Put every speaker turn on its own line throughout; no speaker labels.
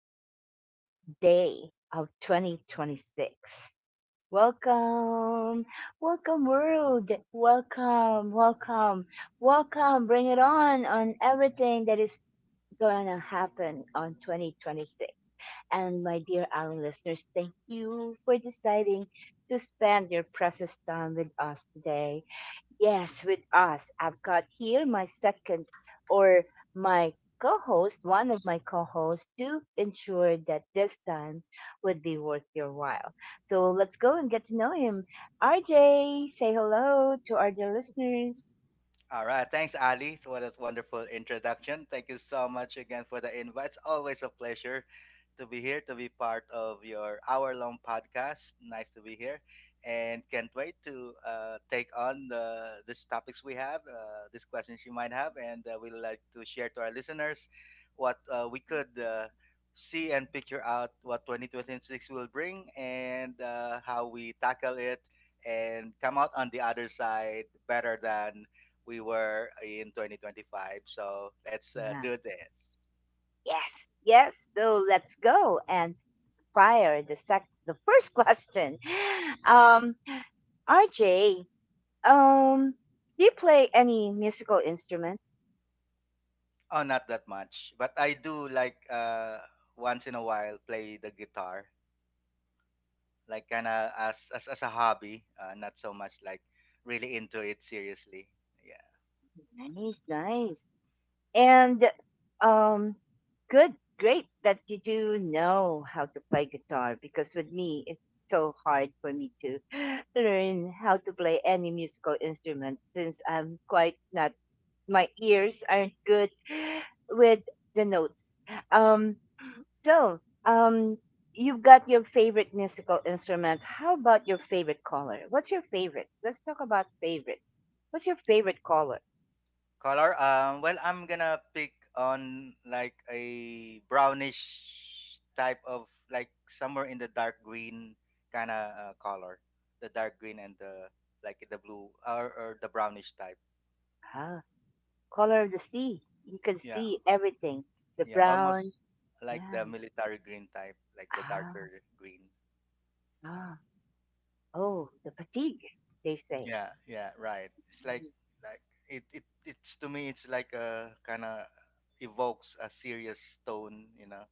second day of 2026. Welcome, welcome, world. Welcome, welcome, welcome. Bring it on everything that is gonna happen on 2026. And my dear Allen listeners, thank you for deciding to spend your precious time with us today. Yes, with us. I've got here my second or my co host, one of my co hosts, to ensure that this time would be worth your while. So let's go and get to know him. RJ, say hello to our dear listeners.
All right. Thanks, Ali, for that wonderful introduction. Thank you so much again for the invite. It's always a pleasure to be here, to be part of your hour long podcast. Nice to be here. And can't wait to take on these topics we have, these questions you might have, and we'd like to share to our listeners what we could see and picture out what 2026 will bring, and how we tackle it and come out on the other side better than we were in 2025. So let's
Yeah.
do this.
Yes, yes. So let's go and fire the first question. Um, RJ, um, do you play any musical instrument?
Oh, not that much, but I do like, once in a while, play the guitar, like kind of as a hobby. Not so much like really into it seriously. Yeah.
Nice, nice. And um, good, great that you do know how to play guitar because with me, it's so hard for me to learn how to play any musical instrument since I'm quite not, my ears aren't good with the notes. Um, so, um, you've got your favorite musical instrument. How about your favorite color? What's your favorite? Let's talk about favorites. What's your favorite color?
Color. Well, I'm gonna pick on like a brownish type of, like somewhere in the dark green kind of color, the dark green and the like the blue, or the brownish type.
Color of the sea. You can
Yeah.
see everything. The
Yeah,
brown.
almost like
Yeah.
the military green type, like the
Ah,
darker green.
ah. Oh, the fatigue, they say.
Yeah, yeah, right. It's
Mm.
like it's to me it's like a kind of evokes a serious tone.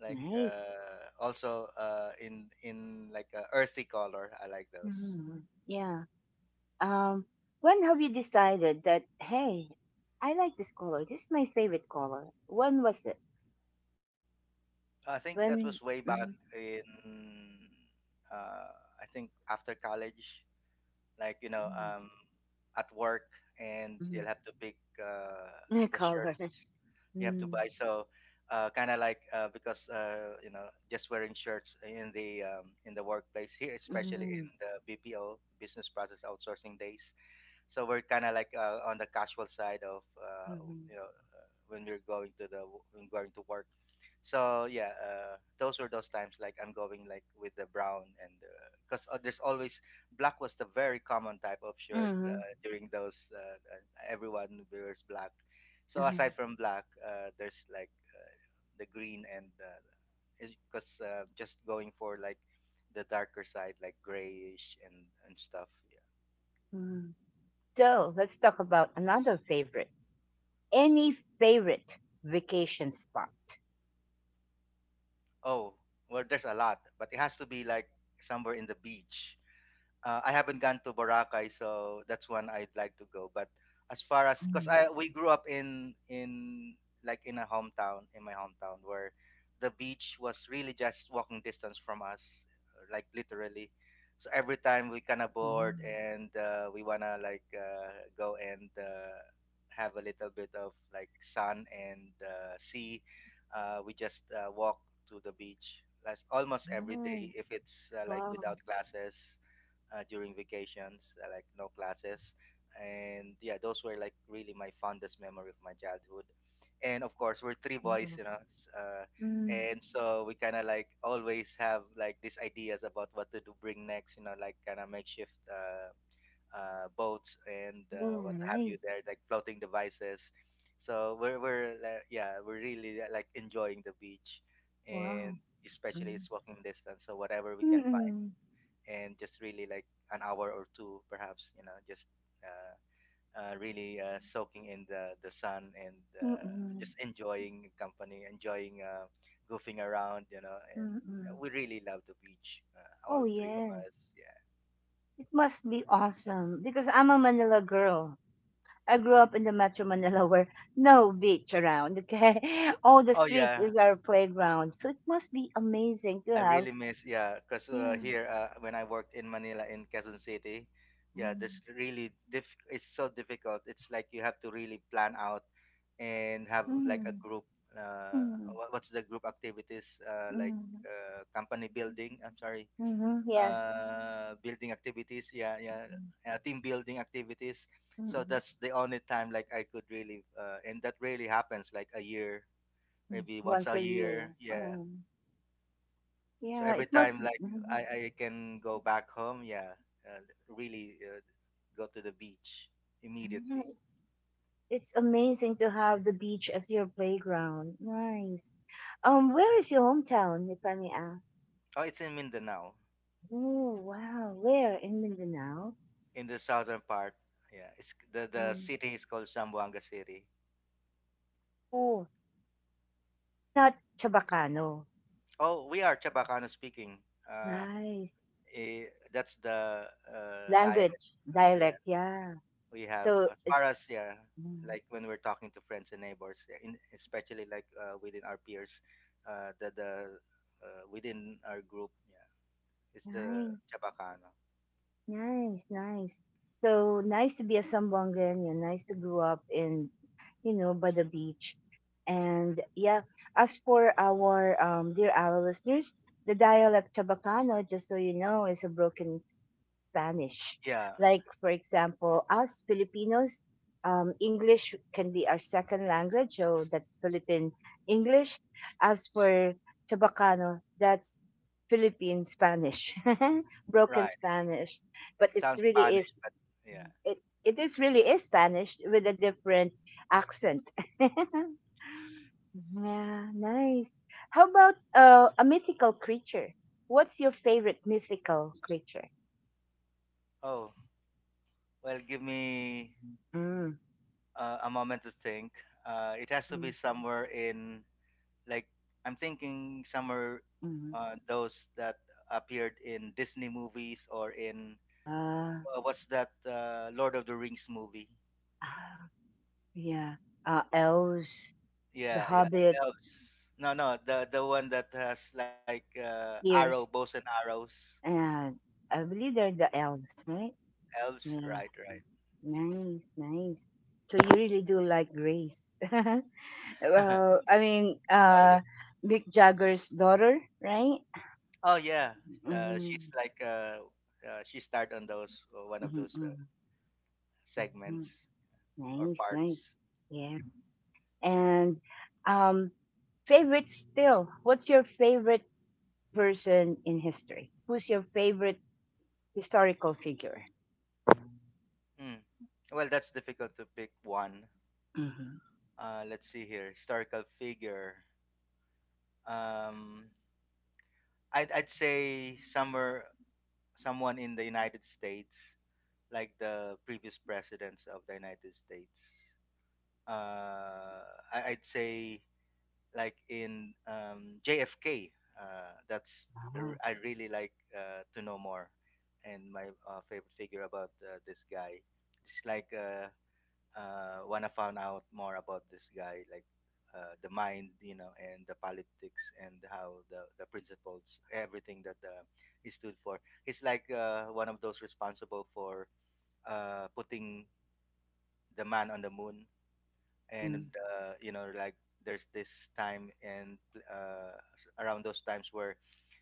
Like
Nice.
also in like a earthy color. I like those.
Mm, yeah. Um, when have you decided that, hey, I like this color. This is my favorite color. When was it?
I think that was way
When?
back
Mm,
in uh I think after college. Like
mm,
at work, and
mm.
they'll have to pick uh, the
Color.
shirts you have to
Mm,
buy. So kind of like, because just wearing shirts in the workplace here,
mm,
especially in
mm,
the bpo, business process outsourcing days, so we're kind of like on the casual side of you know when we're going to the when going to work. So yeah, those were those times like I'm going like with the brown, and because there's always black was the very common type of shirt
mm,
during those. Everyone wears black. So
mm,
aside from black, there's like the green, and because just going for like the darker side like grayish and stuff. Yeah.
mm. So let's talk about another favorite, any favorite vacation spot?
Oh, well, there's a lot, but it has to be like somewhere in the beach. I haven't gone to Boracay, so that's one I'd like to go. But as far as, because
Mm.
I we grew up in like in a hometown, in my hometown where the beach was really just walking distance from us, like literally. So every time we kind of
Wow.
bored and we wanna like go and have a little bit of like sun and sea, we just walk to the beach. Like almost every day
Nice.
if it's like
Wow.
without glasses during vacations, like no classes. And yeah, those were like really my fondest memory of my childhood. And of course, we're three boys,
Wow.
you know.
Mm.
And so we kind of like always have like these ideas about what to do bring next, you know, like kind of makeshift boats and
Oh,
what have you
nice.
there, like floating devices. So we're yeah, we're really like enjoying the beach, and
Wow.
especially
Mm.
it's walking distance. So whatever we can find,
Mm-mm,
and just really like an hour or two perhaps, you know. Just uh, really soaking in the sun and
mm-mm,
just enjoying company, enjoying goofing around, you know. And
mm-mm.
we really love the beach,
Oh,
all three of
yes.
us. Yeah.
It must be awesome because I'm a Manila girl. I grew up in the Metro Manila where no beach around, okay? All the
Oh
streets
yeah,
is our playground. So it must be amazing to
I
have.
really miss. Yeah, because
Yeah.
here when I worked in Manila, in Quezon City, yeah, this
Mm.
really it's so difficult. It's like you have to really plan out and have like a
Mm,
group uh
mm,
what's the group activities, uh, like
mm.
company building, I'm sorry,
Mhm, yes.
building activities. Yeah, yeah. Team building activities. So
Mm,
that's the only time like I could really uh, and that really happens like a year,
mm.
maybe once
Once
a
a year.
year. Yeah. So
Yeah,
every
it
time,
must be.
like i
Mhm.
i can go back home, yeah, uh, really go to the beach
Yeah,
immediately.
it's amazing to have the beach as your playground. Nice. Where is your hometown, if I may ask?
Oh, it's in Mindanao,
Oh, wow. Where? In Mindanao?
in the southern part. Yeah, it's the
Mm.
city is called Zamboanga City.
Oh, you're not Chabacano.
Oh, we are Chabacano speaking. Uh,
Nice.
eh, that's the dialect.
Language,
Yeah,
dialect, yeah.
we have
So
as far
it's
as, yeah,
mm,
like when we're talking to friends and neighbors, yeah, in, especially like within our peers, the within our group, yeah, it's the
nice.
Chabacano.
Nice, nice. So nice to be a Sambongan, you know, nice to grow up in, you know, by the beach. And yeah, as for our dear our listeners, the dialect Chabacano, just so you know, is a broken Spanish.
Yeah,
Like, for example, us Filipinos, English can be our second language, so that's Philippine English. As for Chabacano, that's Philippine Spanish, broken
right.
Spanish. But it's
Sounds
really
Spanish,
is
but yeah.
it, it is really is Spanish with a different accent. Yeah, nice. How about a mythical creature? What's your favorite mythical creature?
Oh, well, give me
Mm.
a moment to think. It has to be somewhere in like I'm thinking somewhere
Mhm.
those that appeared in Disney movies or in
Ah,
what's that Lord of the Rings movie?
ah, yeah. Elves, the
Yeah, yeah,
hobbits,
elves. No, no, the one that has like arrow,
ears,
bows and arrows.
and I believe they're the elves, right?
Elves,
Yeah.
right, right.
Nice, nice. So you really do like Grace.
Oh
Well, I mean,
yeah,
Mick Jagger's daughter, right?
oh yeah.
Mm-hmm,
She's like she starred on those one of those
mm-hmm, hmm.
segments or
Nice, nice.
parts.
Yeah. And um, favorite still. What's your favorite person in history? Who's your favorite historical figure?
Hmm. Well, that's difficult to pick one.
Mm-hmm.
Let's see here. Historical figure. Um, I'd say somewhere someone in the United States, like the previous presidents of the United States. Uh, I'd say like in JFK. That's
Ah.
I really like to know more, and my favorite figure about this guy. It's like when I found out more about this guy, like the mind, you know, and the politics, and how the principles, everything that he stood for. He's like one of those responsible for putting the man on the moon.
Mm,
And you know, like there's this time and around those times where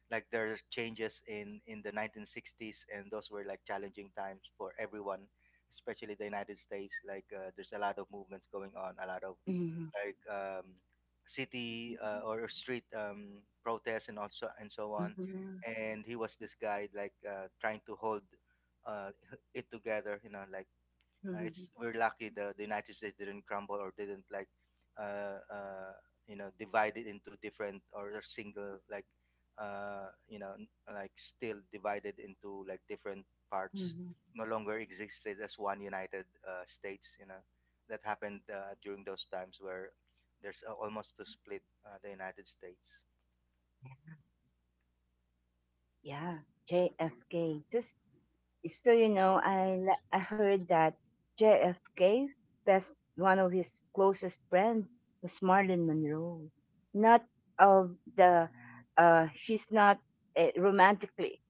like there are changes in the 1960s, and those were like challenging times for everyone, especially the United States. Like there's a lot of movements going on, a lot of
mhm,
like city or street protests and also, and so on.
mhm,
And he was this guy like trying to hold uh, it together, you know, like
mhm,
it's we're lucky the United States didn't crumble or didn't like uh, uh, you know, divide it into different, or a single like you know, like still divided into like different parts,
mhm.
no longer existed as one United States, you know. That happened during those times where there's almost to split the United States.
Yeah, JFK. Just so you know, I heard that JFK best one of his closest friends was Marilyn Monroe. Not of the she's not romantically.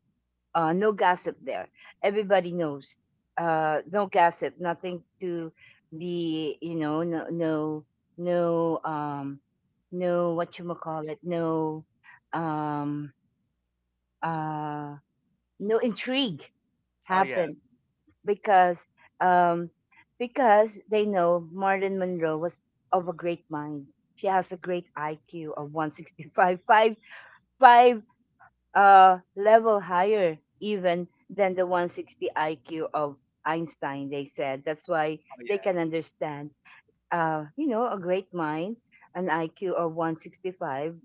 No gossip there. Everybody knows. No gossip. Nothing to be, you know, no, no, no, no, what you call it, no, um, uh, no intrigue
Oh yeah,
happened because, um, because they know Marilyn Monroe was of a great mind. She has a great IQ of 165, 5, level higher even than the 160 IQ of Einstein, they said. That's why
oh
they
yeah,
can understand, you know, a great mind, an IQ of 165.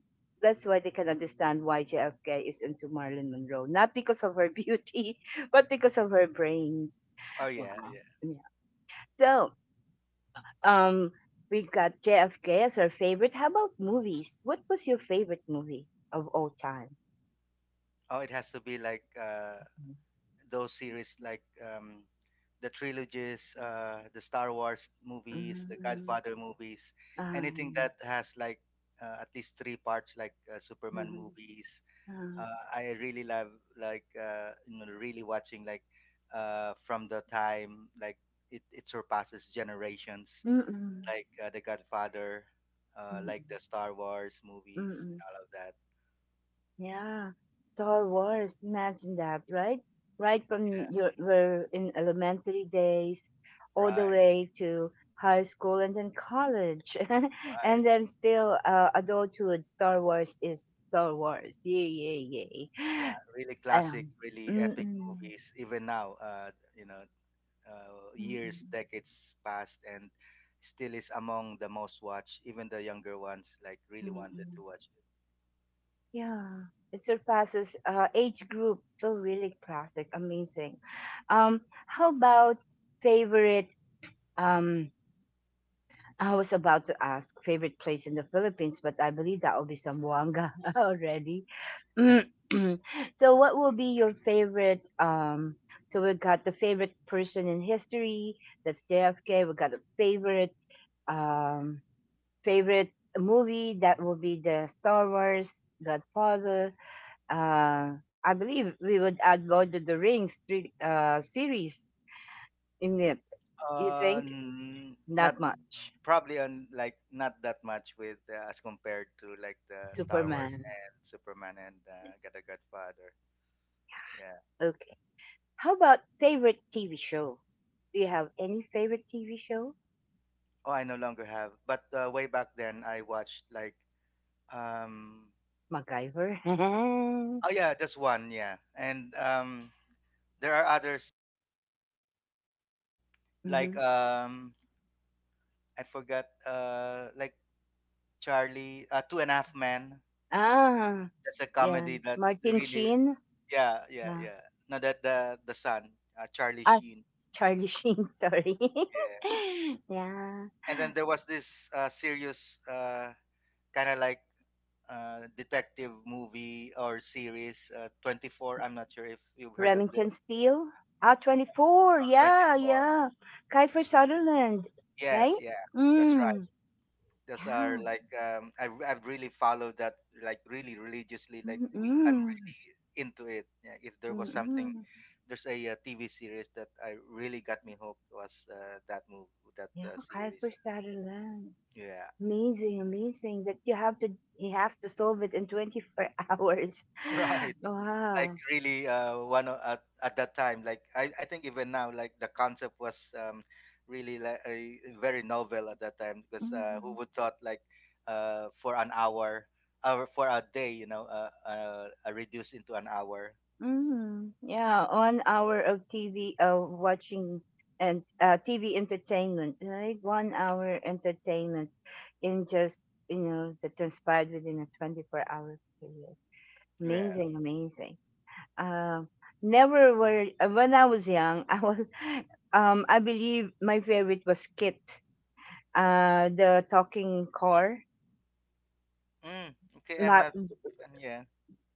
That's why they can understand why JFK is into Marilyn Monroe. Not because of her beauty, but because of her brains.
oh
Wow.
yeah, yeah.
Yeah. So, um, we got JFK as our favorite. How about movies? What was your favorite movie of all time?
Oh, it has to be like those series like the trilogies, the Star Wars movies, the
Mm-hmm.
Godfather movies,
Ah,
anything
yeah.
that has like at least three parts, like Superman
Mhm.
movies.
Ah.
I really love like you know, really watching like from the time like it surpasses generations,
Mm-mm.
like the Godfather, like
Mm-mm.
the Star Wars movies and
Mm-mm.
all of that.
Yeah. Star Wars. Imagine that, right? Right from
Yeah,
your were in elementary days all the
right,
way to high school and then college. And
right.
then still adulthood, Star Wars is Star Wars. Yay, yay, yay.
Yeah, really classic,
Um,
really epic
mm-mm.
movies. Even now, you know, years,
Mm-mm.
decades passed, and still is among the most watched. Even the younger ones like really wanted
Mm-mm.
to watch it.
Yeah, it surpasses age group. So really classic, amazing. Um, how about favorite? Um, I was about to ask favorite place in the Philippines, but I believe that will be Zamboanga already. Mm, so, what will be your favorite? So we got the favorite person in history. That's JFK. We got a favorite um favorite movie that will be the Star Wars Godfather, uh, I believe we would add Lord of the Rings three, series in it. You think?
Not
Not much.
probably on like not that much with as compared to like the Star Wars
Superman.
and Superman and Get a Godfather. Yeah.
Okay. How about favorite TV show? Do you have any favorite TV show?
Oh, I no longer have. But way back then, I watched like um.
MacGyver.
Oh yeah, just one. Yeah, and there are others like
Hmm.
I forgot like Charlie Two and a Half Men.
Ah,
That's a
yeah.
comedy that
Martin
really,
Sheen.
yeah yeah
Yeah.
yeah. No, that the son, Charlie
Ah,
Sheen.
Charlie Sheen. Sorry.
Yeah,
Yeah.
and then there was this serious kind of like detective movie or series, 24. I'm not sure if you've heard of the
Remington
uh,
Steele. Ah, 24. Yeah,
24.
yeah. Kiefer Sutherland,
Yes,
right?
yeah, that's right.
Mm.
Those are
Yeah.
like I've really followed that like really religiously. Like we I'm
Mm-mm.
really into it. Yeah, if there was something,
Mm-mm.
there's a, TV series that I really got me hooked was that movie that
Yeah, Kiefer
series.
Sutherland.
Yeah.
Amazing, amazing that you have to, he has to solve it in 24 hours.
Right. Like
Wow.
really at that time, like I think even now like the concept was really like very novel at that time, because who
Mhm.
would thought like for an hour, or for a day, you know, reduced into an hour.
Mm, yeah, 1 hour of TV of watching and TV entertainment, right? 1 hour entertainment in just you know that transpired within a 24 hour period.
Yeah.
Amazing, amazing. Um, never were when I was young. I was, I believe my favorite was Kit, the talking car.
Mm, okay, I'm
Ma-
not. Yeah.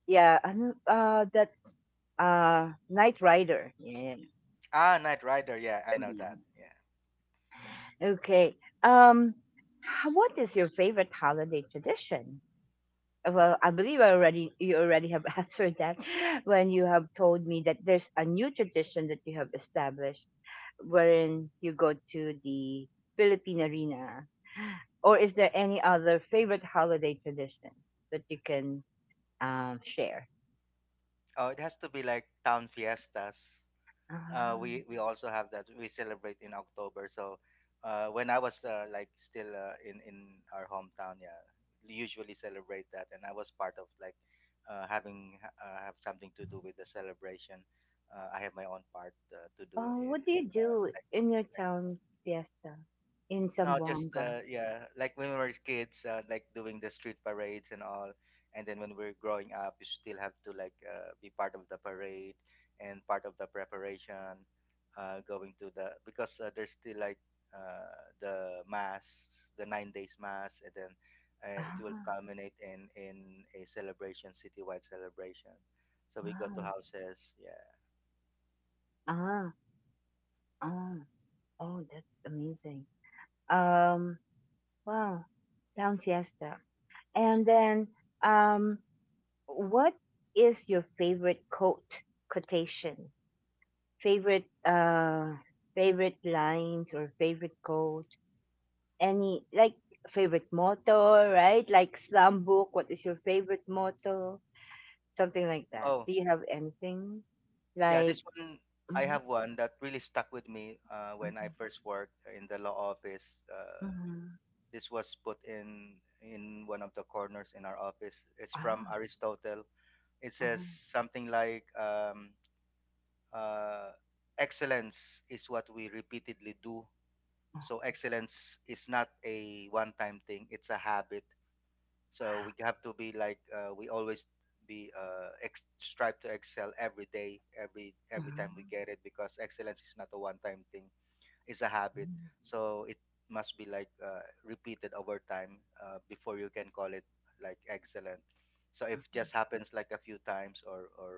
yeah, that's Knight Rider. Yeah.
Ah, Night Rider, yeah, I know
Mm-hmm.
that, yeah.
Okay. Um, what is your favorite holiday tradition? Well, I believe I already you already have answered that when you have told me that there's a new tradition that you have established, wherein you go to the Philippine arena. Or is there any other favorite holiday tradition that you can share?
Oh, it has to be like town fiestas. uh,
Ah.
we we also have that. We celebrate in October. So when I was like still in our hometown, yeah, we usually celebrate that, and I was part of like have something to do with the celebration. I have my own part to do
Oh,
in
what do
in
you
that,
do
like
in your town fiesta in
no, just
Zamboanga?
yeah, like when we were kids, like doing the street parades and all, and then when we're growing up, you still have to like be part of the parade and part of the preparation, going to the because there's still like uh, the mass, the 9 days mass, and then it will
Ah,
culminate in a celebration, citywide celebration. So we go to
wow.
houses, yeah.
Ah, ah. Oh, that's amazing. Um, wow, Town Fiesta. And then, um, what is your favorite quote, quotation, favorite, favorite lines or favorite quote? Any like favorite motto, right? Like slam book. What is your favorite motto? Something like that.
Oh,
Do you have anything
yeah,
like?
this one. I
Hmm,
have one that really stuck with me when I
hmm,
first worked in the law office.
hmm,
This was put in one of the corners in our office. It's from
ah,
Aristotle. It says
mhm,
something like uh, excellence is what we repeatedly do.
ah,
So excellence is not a one-time thing; it's a habit. So we have to be like we always be strive to excel every day, every time we
mhm,
get it because excellence is not a one-time thing; it's a habit.
mhm,
So it must be like repeated over time before you can call it like excellent. So if
mhm,
just happens like a few times or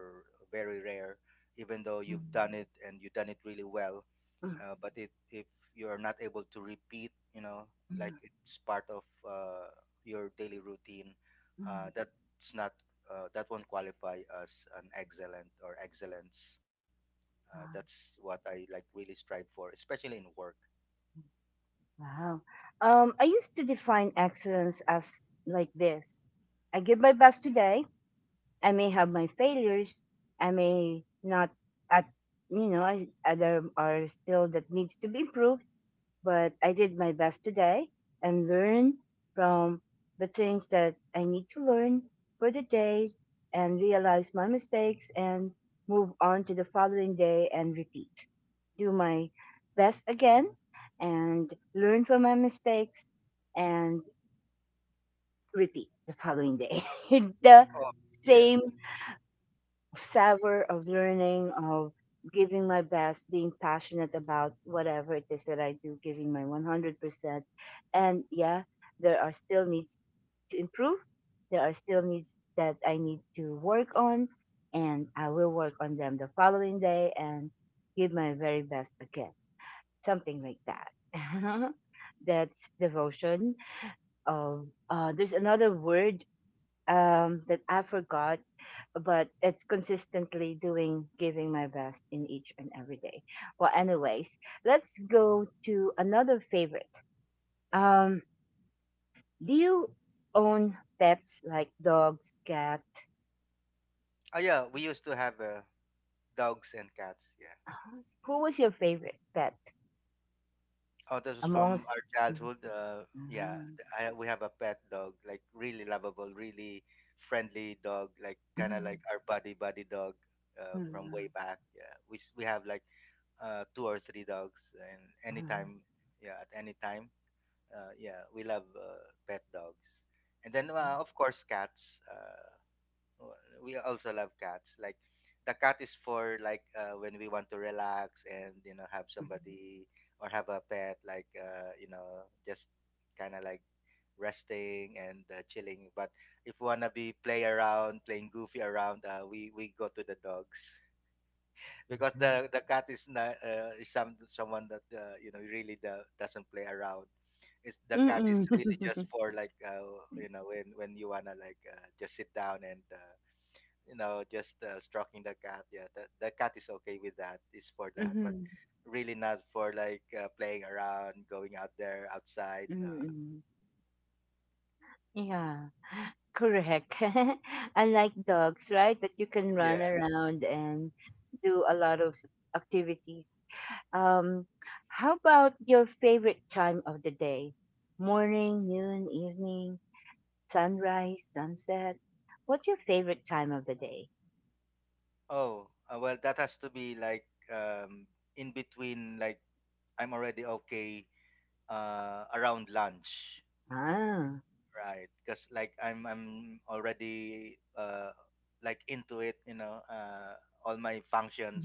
very rare, even though you've
mhm.
done it and you've done it really well,
Mm,
but it, if you're not able to repeat, like
mm,
it's part of your daily routine.
mm.
That's not, that won't qualify as an excellent or excellence.
Um,
That's what I like really strive for, especially in work.
wow. I used to define excellence as like this. I give my best today. I may have my failures. I may not at you know, I, there are still that needs to be improved, but I did my best today and learn from the things that I need to learn for the day and realize my mistakes and move on to the following day and repeat. Do my best again and learn from my mistakes and repeat the following day. The
Oh yeah.
same of savor of learning, of giving my best, being passionate about whatever it is that I do, giving my 100%. And yeah, there are still needs to improve. There are still needs that I need to work on, and I will work on them the following day and give my very best again. Something like that. That's devotion. Of there's another word that I forgot, but it's consistently doing giving my best in each and every day. Well, anyways, let's go to another favorite. Um, do you own pets like dogs, cat?
Oh yeah, we used to have dogs and cats. Yeah.
Who was your favorite pet
Oh, this was from
amongst?
our childhood. Yeah, we have a pet dog, like really lovable, really friendly dog, like kind of
Mhm.
like our buddy buddy dog from way
Mhm.
back. Yeah, we have like two or three dogs, and
Mhm.
anytime, yeah, at any time, yeah, we love pet dogs, and then of course cats. Oh, we also love cats. Like the cat is for like when we want to relax and you know have somebody or have a pet like you know just kind of like resting and chilling. But if we wanna be play around, playing goofy around, we go to the dogs because the cat is not is someone that really do, doesn't play around. It's the cat
Mhm.
is
Mhm.
really
Mhm.
just for like you know when you wanna like just sit down and just stroking the cat, yeah, the cat is okay with that, is for that, but really not for like playing around going out there outside, no.
Yeah. Correct. Unlike dogs, right, that you can run
Yeah.
around and do a lot of activities. Um, how about your favorite time of the day? Morning, noon, evening, sunrise, sunset. What's your favorite time of the day?
Oh well that has to be like um in between, like I'm already okay around lunch,
Ah,
right, because like I'm already like into it, all my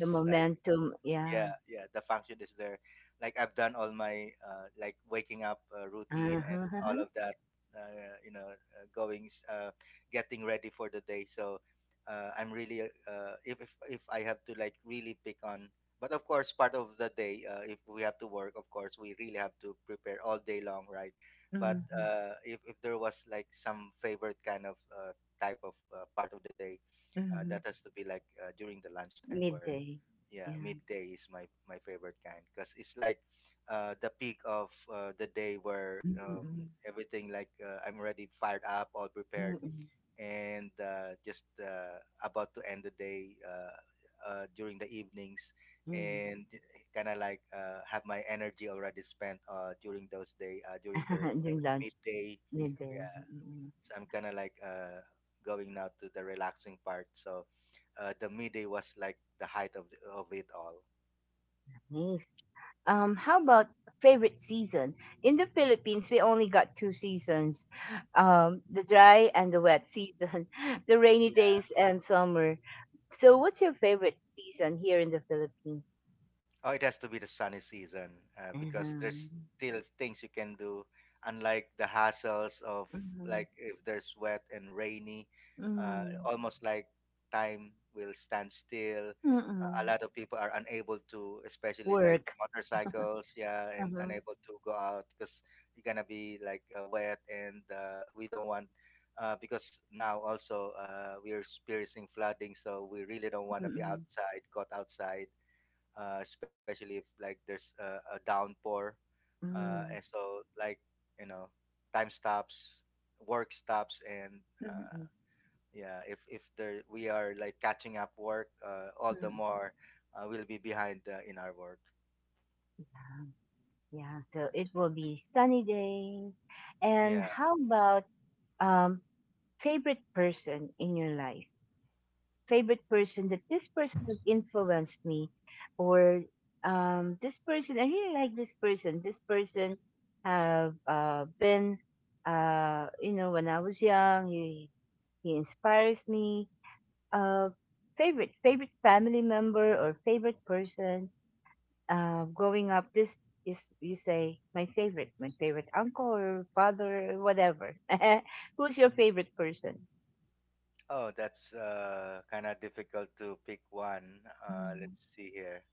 the
like,
momentum.
yeah
Yeah.
yeah the function is there, like I've done all my like waking up routine and all
Uh-huh.
of that, going getting ready for the day. So I'm really if, if I have to like really pick on. But of course, part of the day if we have to work, of course we really have to prepare all day long, right.
Hmm,
But if there was like some favorite kind of type of part of the day, that
hmm.
has to be like during the lunchtime, where
Midday.
yeah,
Yeah.
midday is my favorite kind because it's like the peak of the day where
Mm-mm.
everything like I'm already fired up, all prepared,
Mm-mm.
and just about to end the day during the evenings,
Mm.
and kind of like have my energy already spent during those day during the, the
During lunch,
midday.
midday.
Yeah,
Mm-mm.
so I'm kind of like going now to the relaxing part. So the midday was like the height of, the, of it all.
Nice. How about favorite season? In the Philippines, we only got two seasons, the dry and the wet season, the rainy
Yeah.
days and summer. So, what's your favorite season here in the Philippines?
Oh, it has to be the sunny season because there's
Mhm.
still things you can do, unlike the hassles of
Mhm.
like if there's wet and rainy, uh,
Mm.
almost like time will stand still. A
Mm-mm.
lot of people are unable to, especially like
Work.
motorcycles, yeah, and
Uh-huh.
unable to go out because you're gonna be like wet, and we don't want. Because now also we're experiencing flooding, so we really don't want to be
Mm-mm.
outside, caught outside, especially if like there's a downpour, and
Mm.
so like you know time stops, work stops, and uh,
Mm-mm.
yeah, if there we are like catching up work, all the
Mm.
more we'll be behind in our work.
Yeah, so it will be sunny days. And
Yeah.
how about um favorite person in your life? Favorite person that this person has influenced me or this person I really like this person have been you know when I was young he inspires me uh, favorite family member or favorite person growing up this is you say my favorite uncle or father or whatever. Who's your favorite person?
Oh, that's kind of difficult to pick one.
Mm,
Let's see here.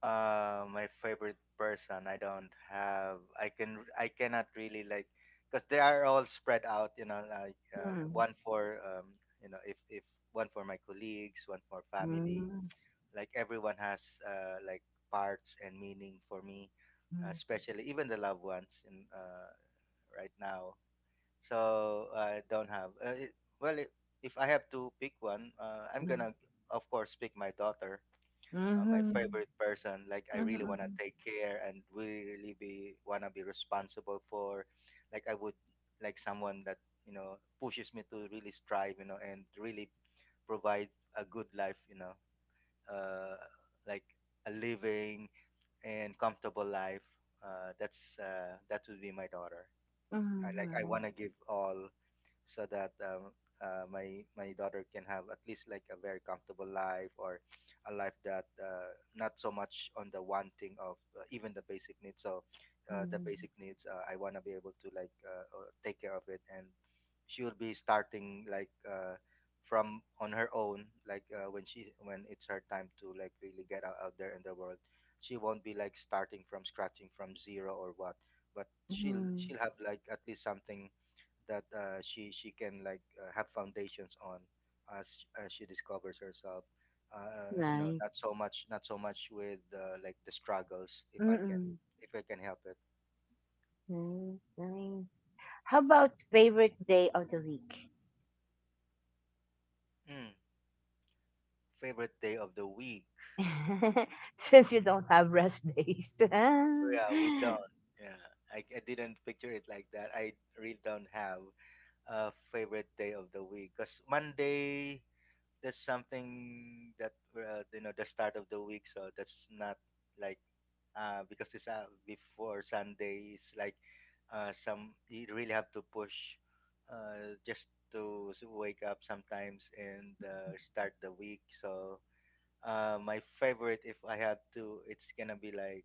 My favorite person. I don't have. I can. I cannot really like, because they are all spread out. You know, like
mm,
one for you know, if one for my colleagues, one for family.
mm,
Like everyone has like parts and meaning for me,
mm,
especially even the loved ones in right now. So I don't have. It, well, I if I have to pick one, I'm
mm.
gonna of course pick my daughter. My
Mhm.
favorite person. Like I really wanna
Hmm.
take care and really be wanna be responsible for. Like I would like someone that you know pushes me to really strive, you know, and really provide a good life, you know, uh, like a living and comfortable life. That's that would be my daughter. I like I
Hmm.
wanna give all so that my daughter can have at least like a very comfortable life, or a life that not so much on the wanting of even the basic needs. So
Nice.
the
Hmm.
basic needs, I want to be able to like take care of it, and she will be starting like from on her own. Like when she when it's her time to like really get out, out there in the world, she won't be like starting from scratching from zero or what. But she'll
Mhm.
she'll have like at least something that she can like have foundations on as she discovers herself. No,
Nice.
not so much, not so much with like the struggles.
Mm,
If I can help it.
nice, nice. How about favorite day of the week?
Mm, favorite day of the week?
Since you don't have rest days.
Yeah, we don't. Yeah, I didn't picture it like that. I really don't have a favorite day of the week because Monday, there's something that you know the start of the week, so that's not like because it's before Sunday. It's like some you really have to push just to wake up sometimes and start the week. So my favorite, if I have to, it's gonna be like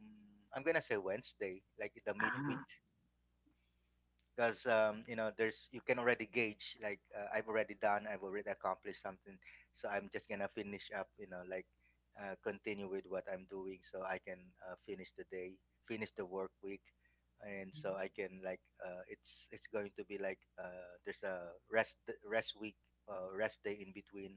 mm, I'm gonna say Wednesday, like the midweek
Ah.
because you know there's you can already gauge like I've already done, I've already accomplished something, so I'm just gonna finish up you know like continue with what I'm doing so I can finish the day, finish the work week, and so I can like it's going to be like there's a rest week, rest day in between,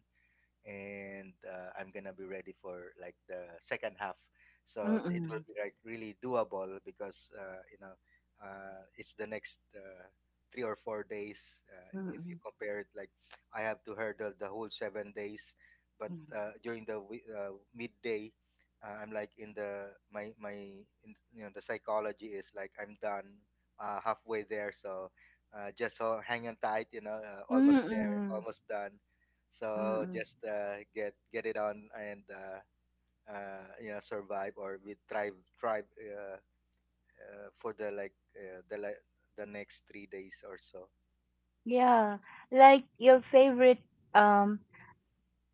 and I'm gonna be ready for like the second half. So it will
Mm-mm.
be like really doable because you know it's the next 3 or 4 days. If you
Mm-mm.
compare it, like I have to hurdle the whole 7 days, but during the midday, I'm like in the my in, you know the psychology is like I'm done halfway there. So just so hang on tight, you know, almost there,
Mm-mm.
almost done. So
Mm-mm.
just get it on and you know survive or we thrive for the like the like the next 3 days or so.
Yeah, like your favorite um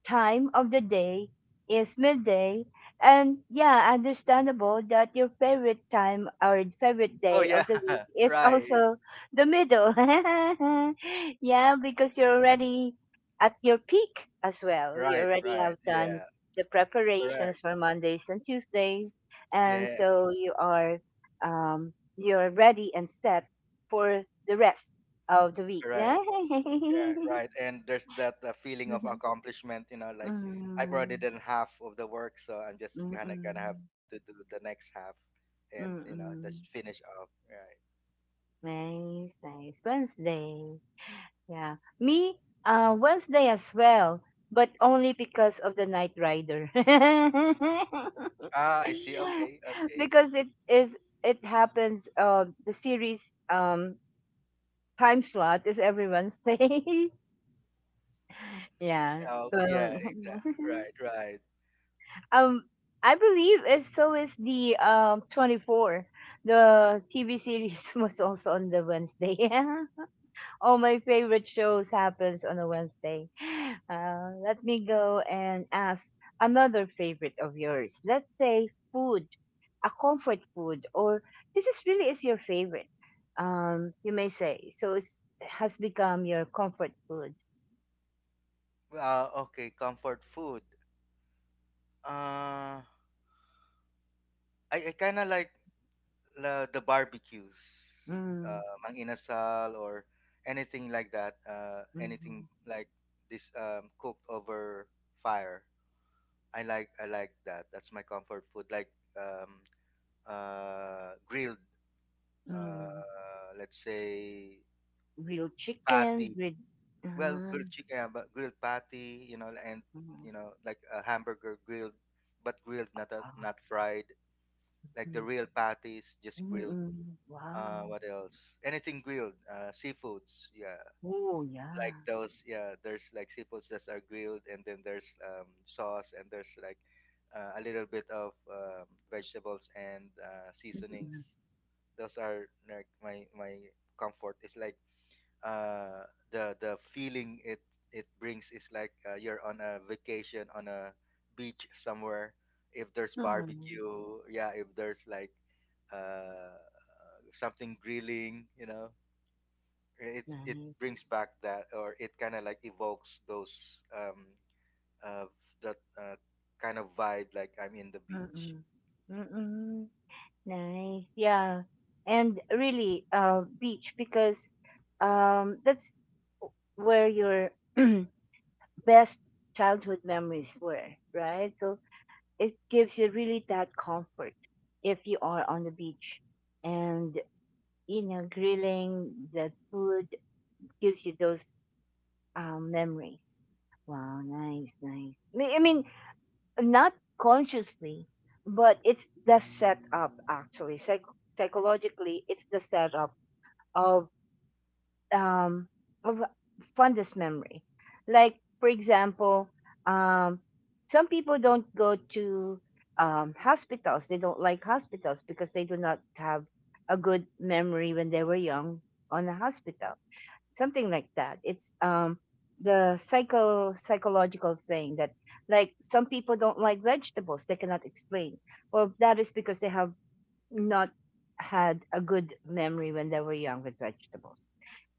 time of the day is midday. And yeah, understandable that your favorite time or favorite
Oh
day
yeah,
of the week is
right,
also the middle. Yeah, because you're already at your peak as well. You
right,
already have
right.
done
Yeah,
the
correct.
preparations for Mondays and Tuesdays. And
Yeah,
so you are you're ready and set for the rest of the week.
correct. Yeah, right. And there's that feeling of
Mhm.
accomplishment. You know, like I've already
Mm.
done half of the work, so I'm just
Mm,
gonna have
mm.
to do the next half, and you
Mm,
know, just
mm.
finish off. Right.
Nice, nice. Wednesday. Yeah. Me, Wednesday as well, but only because of the Night Rider.
Ah, I see. Okay, okay.
Because it happens the series time slot is every Wednesday. yeah.
Oh, yeah,
Well,
exactly. Right, right.
um I believe it's so is the 24. The TV series was also on the Wednesday. All my favorite shows happens on a Wednesday. Let me go and ask another favorite of yours. Let's say food, a comfort food, or this is really is your favorite. You may say so. It has become your comfort food.
Okay, comfort food. Uh, I kind of like the barbecues,
Mm,
mang inasal or anything like that. Anything
mm,
like this cooked over fire. I like that. That's my comfort food. Like um, grilled,
mm.
let's say
Grilled chicken,
patty.
grilled.
Well, grilled
Mm,
chicken, yeah, but grilled patty, you know, and you
mm,
know, like a hamburger grilled, but grilled, not a,
ah,
not fried. Like the
mm,
real patties, just
mm,
grilled.
mm. Wow.
What else? Anything grilled. Seafoods, yeah,
Oh
like
yeah.
those. Yeah, there's like seafoods that are grilled, and then there's sauce, and there's like a little bit of vegetables and
Mm,
seasonings.
mm.
Those are like my comfort. It's like the feeling it brings is like you're on a vacation on a beach somewhere. If there's
Mm.
barbecue, yeah. If there's like uh, something grilling, you know, it
Nice.
brings back that, or it kind of like evokes those uh, that kind of vibe. Like I'm in the beach.
Mm-mm. Mm-mm. Nice. Yeah. And really, beach because that's where your best childhood memories were, right? So it gives you really that comfort if you are on the beach and, you know, grilling the food gives you those memories. Wow, nice, nice. I mean, not consciously, but it's the setup actually. Psychologically, it's the setup of um of fondest memory. Like for example, um, some people don't go to hospitals. They don't like hospitals because they do not have a good memory when they were young on a hospital, something like that. It's the psychological thing that, like, some people don't like vegetables, they cannot explain. Well, that is because they have not had a good memory when they were young with vegetables,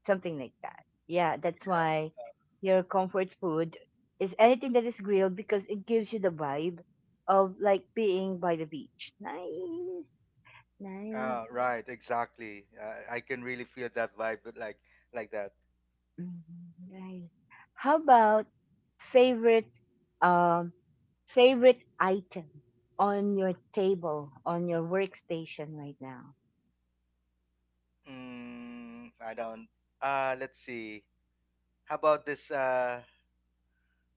something like that. Yeah, that's why your comfort food is anything that is grilled, because it gives you the vibe of, like, being by the beach. Nice, nice.
Ah, right, exactly. I can really feel that vibe, but like that.
Mm. Nice. How about favorite um favorite item on your table, on your workstation right now?
Mm, I don't. Let's see. How about this?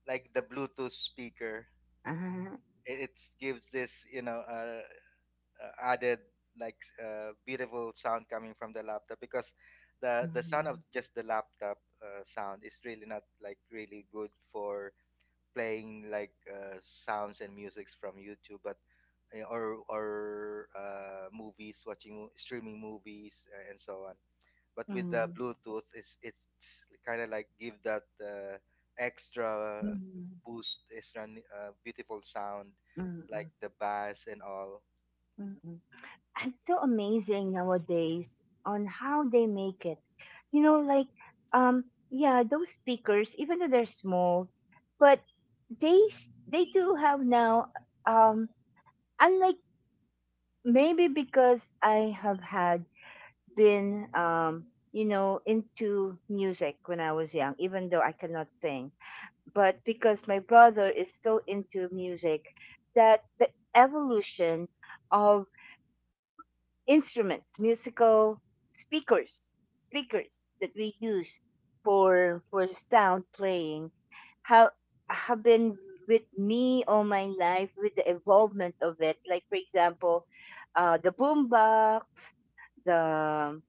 Like the Bluetooth speaker,
Uh-huh.
it gives this you know added like beautiful sound coming from the laptop because the sound
Mm,
of just the laptop sound is really not like really good for playing like sounds and musics from YouTube, but or movies, watching streaming movies and so on. But with the
mm,
Bluetooth, it's kind of like give that extra
mm,
boost, extra beautiful sound,
mm,
like
mm,
the bass and all.
mm, mm. It's so amazing nowadays on how they make it. You know, like, um yeah, those speakers, even though they're small, but they do have now, um unlike, maybe because I have had been, you know, into music when I was young, even though I cannot sing. But because my brother is so into music, that the evolution of instruments, musical speakers, speakers that we use for sound playing have have been with me all my life with the involvement of it. Like for example, the boombox, the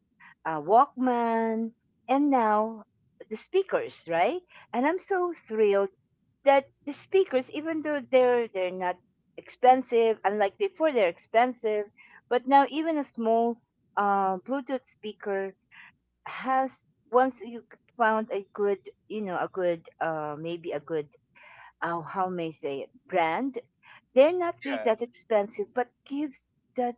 Walkman, and now the speakers, right? And I'm so thrilled that the speakers, even though they're not expensive, unlike before, they're expensive. But now even a small Bluetooth speaker has, once you found a good, you know, a good, maybe a good, how may I say it, brand, they're not really
Yeah,
that expensive, but gives that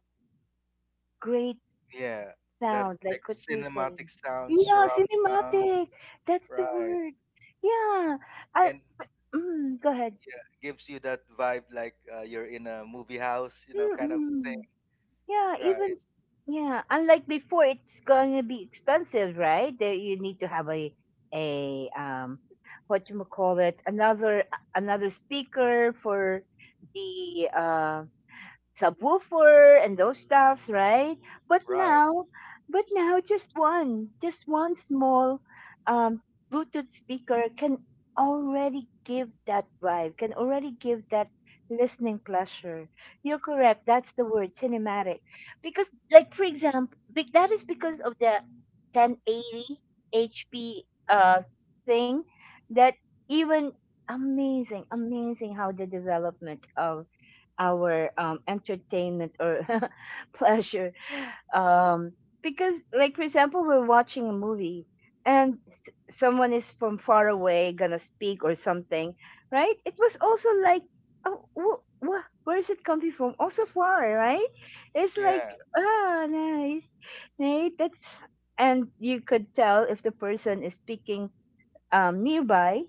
great
yeah, that
sound,
like
like what we're saying.
cinematic sound,
Yeah,
surround sound,
cinematic. That's the
right?
word. Yeah. I,
And
go ahead.
yeah, gives you that vibe like you're in a movie house, you know, kind of thing.
Mm-mm. Yeah, even
Right,
yeah, unlike before, it's gonna be expensive, right? There you need to have a a what you call it, another speaker for the subwoofer and those stuffs, right? But
right.
now, but now just one small um, Bluetooth speaker can already give that vibe, can already give that listening pleasure. You're correct. That's the word, cinematic. Because, like for example, that is because of the 1080 HP uh, thing that even, amazing, amazing how the development of our entertainment or pleasure. Um, because, like, for example, we're watching a movie and someone is from far away gonna speak or something, right? It was also like, oh, where is it coming from? Also far, right? It's like,
Yeah,
ah, nice, right? That's, and you could tell if the person is speaking nearby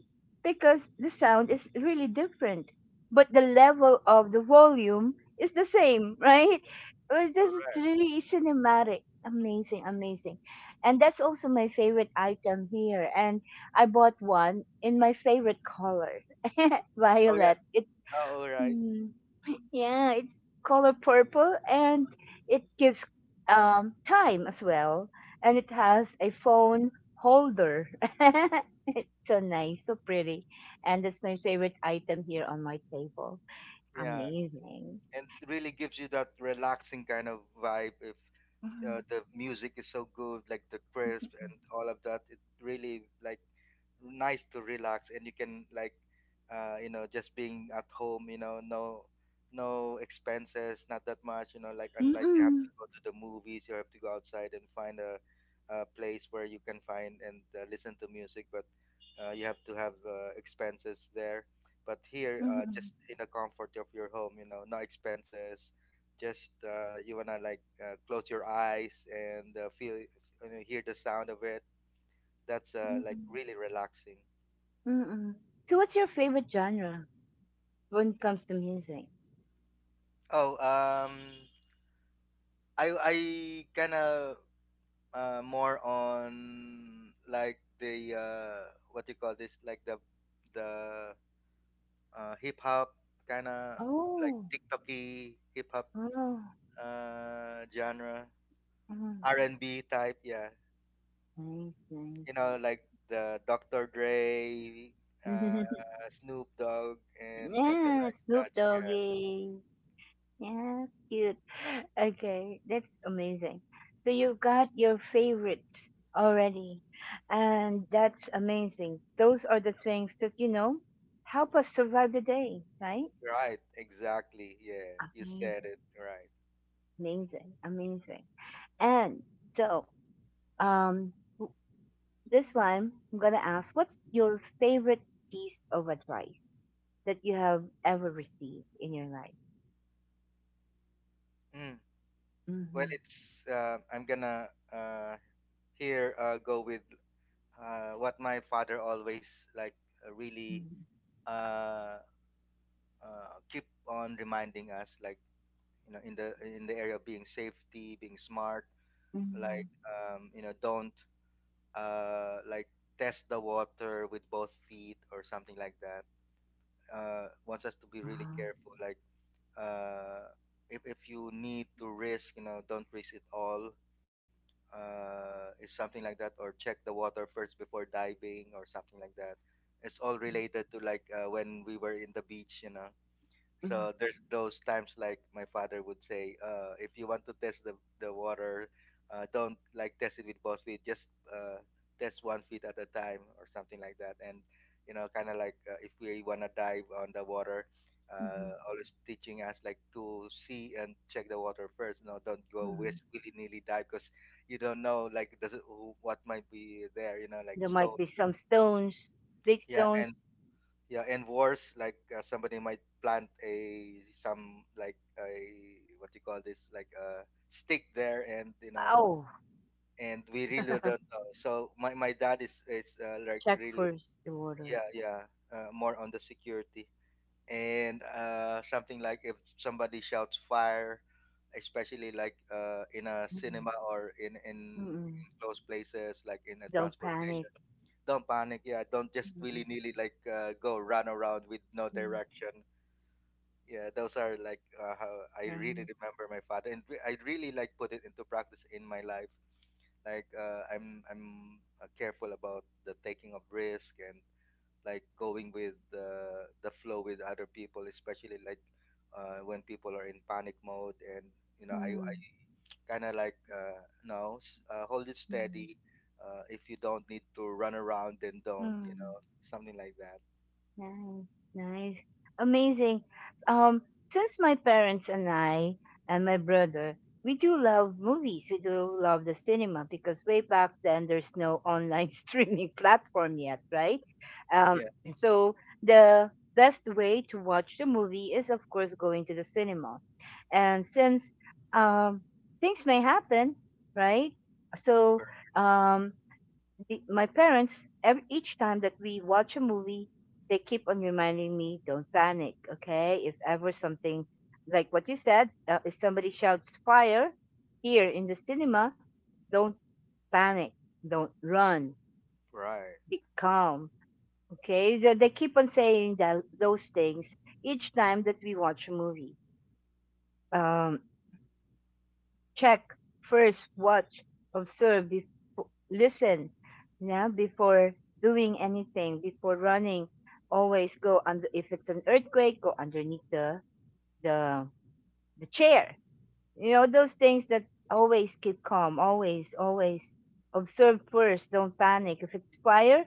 because the sound is really different, but the level of the volume is the same, right? This is
correct.
really cinematic. Amazing, amazing. And that's also my favorite item here. And I bought one in my favorite color,
Oh yeah.
violet. It's,
Oh, all right.
hmm, yeah, it's color purple and it gives time as well. And it has a phone holder. It's so nice, so pretty. And that's my favorite item here on my table.
Yeah,
Amazing.
and really gives you that relaxing kind of vibe if
Mhm.
the music is so good, like the crisp and all of that. It really like nice to relax, and you can like, you know, just being at home, you know, no expenses, not that much, you know, like unlike you have to
Mm-mm.
go to the movies, you have to go outside and find a place where you can find and listen to music. But you have to have expenses there, but here
Mm-mm.
just in the comfort of your home, you know, no expenses, just you wanna like close your eyes and feel, you know, hear the sound of it. That's like
Mm-mm.
really relaxing.
Mm-mm. So what's your favorite genre when it comes to music?
Oh, I kind of more on like the what you call this, like the hip hop kind of like
Oh,
TikToky hip hop
oh,
genre,
oh.
R&B type, yeah.
Nice,
You know, like the Dr. Dre uh
nice.
Snoop Dogg and the
Yeah,
like
Snoop
such, yeah.
Doggy. Yeah, cute. Okay, that's amazing. So you've got your favorites already, and that's amazing. Those are the things that, you know, help us survive the day, right?
Right, exactly. Yeah, you said
Amazing,
it right.
amazing, amazing. And so, um, w- this one, I'm gonna ask, what's your favorite piece of advice that you have ever received in your life?
Mm. Well,
Mm-hmm.
it's I'm gonna here go with what my father always like really
Mm-hmm.
uh keep on reminding us, like, you know, in the area of being safety, being smart.
Mm-hmm.
Like you know, don't like test the water with both feet or something like that. Wants us to be really
Ah,
careful, like uh, if you need to risk, you know, don't risk it all. Is something like that, or check the water first before diving or something like that. It's all
okay.
related to like when we were in the beach, you know.
Mm-hmm,
So there's those times like my father would say, if you want to test the water, don't like test it with both feet. Just uh, test 1 feet at a time or something like that. And you know, kind of like if we wanna dive on the water,
mm-hmm.
always teaching us like to see and check the water first. No, don't go
Mhm.
willy nilly dive because you don't know like does it, who- what might be there. You know, like
There
stone.
might be some stones, big
Yeah,
stones.
and yeah, and worse, like somebody might plant a some like a what do you call this, like a stick there, and you know,
Oh,
and we really don't know. So my dad is like
check
really,
first the water.
yeah, yeah, more on the security. And something like if somebody shouts fire, especially like in a
Mhm.
cinema or in
Mm-mm.
close places like in a
Don't
transportation,
panic.
don't panic. Yeah, don't just
Mm-mm.
willy-nilly like go run around with no
Mm.
direction. Yeah, those are like how I really
Nice.
remember my father, and I really like put it into practice in my life. Like I'm careful about the taking of risk and like going with the flow with other people, especially like when people are in panic mode, and you know, I
Mm.
kind of like no, s- hold it
Mm.
steady. If you don't need to run around, then don't. You
Mm.
know, something like that.
Nice, nice, amazing. Um, since my parents and I and my brother, we do love movies. We do love the cinema because way back then there's no online streaming platform yet, right? Um,
Yeah,
so the best way to watch the movie is of course going to the cinema, and since um, things may happen, right? So
correct.
um, my parents every, each time that we watch a movie, they keep on reminding me, don't panic, okay, if ever something, like what you said, if somebody shouts fire here in the cinema, don't panic, don't run,
Right,
be calm, okay. So they keep on saying that, those things, each time that we watch a movie. um Check, first watch, observe, listen. Yeah, before doing anything, before running, always go under. If it's an earthquake, go underneath the the the chair. You know, those things that always keep calm. Always, always observe first. Don't panic. If it's fire,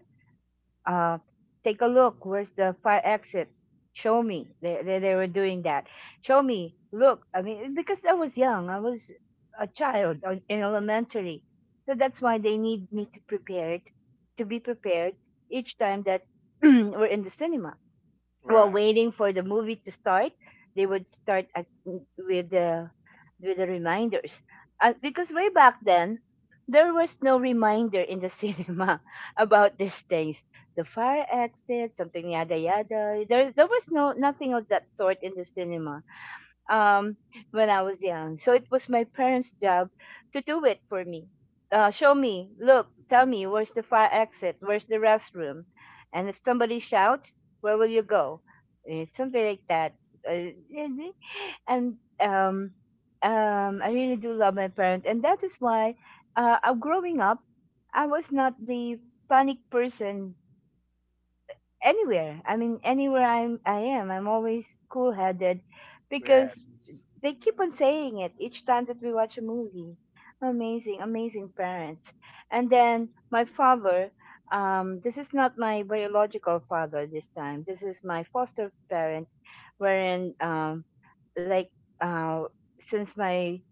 uh, take a look. Where's the fire exit? Show me. They were doing that. Show me. Look. I mean, because I was young, I was a child in elementary. So that's why they need me to prepare it, to be prepared each time that we're in the cinema, while
right.
waiting for the movie to start, they would start at, with the reminders. And because way back then, there was no reminder in the cinema about these things. The fire exit, something yada yada. There was no nothing of that sort in the cinema um, when I was young. So it was my parents' job to do it for me. Show me, look, tell me, where's the fire exit? Where's the restroom? And if somebody shouts, where will you go? Eh, something like that. Really? And um, I really do love my parents. And that is why, growing up, I was not the panic person anywhere. I mean, anywhere I am, I'm always cool headed because
Yes.
they keep on saying it each time that we watch a movie. Amazing, amazing parents. And then my father, this is not my biological father this time. This is my foster parent, wherein, like, uh, since my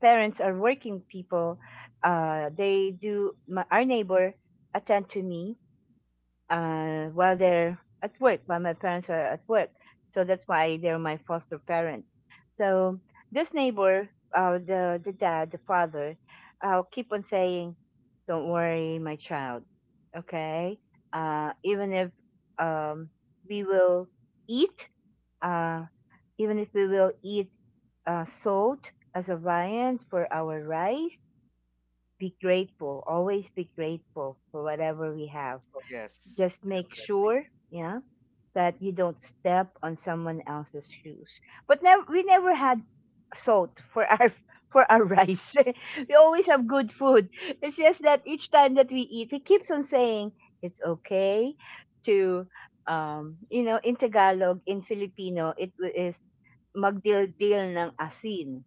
parents are working people, they do, my, our neighbor attend to me while they're at work, while my parents are at work. So that's why they're my foster parents. So this neighbor, the dad, the father, keep on saying, "Don't worry, my child. Okay, even if, um, we will eat, uh, even if we will eat salt as a viand for our rice." Be grateful, always be grateful for whatever we have,
Oh, yes,
just make
definitely.
sure, yeah, that you don't step on someone else's shoes. But never, we never had salt for our for our rice. We always have good food. It's just that each time that we eat, he keeps on saying it's okay to, you know, in Tagalog, in Filipino, it is magdildil ng asin.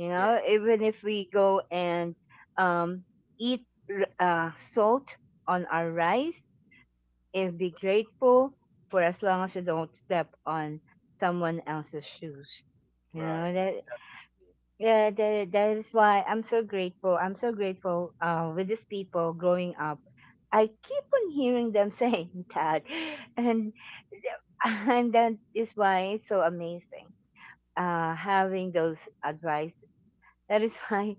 You
Yes,
know, even if we go and um, eat salt on our rice and be grateful for as long as you don't step on someone else's shoes. You
right.
know that, yeah, that is why I'm so grateful. I'm so grateful with these people growing up. I keep on hearing them saying that, and and that is why it's so amazing having those advice. That is why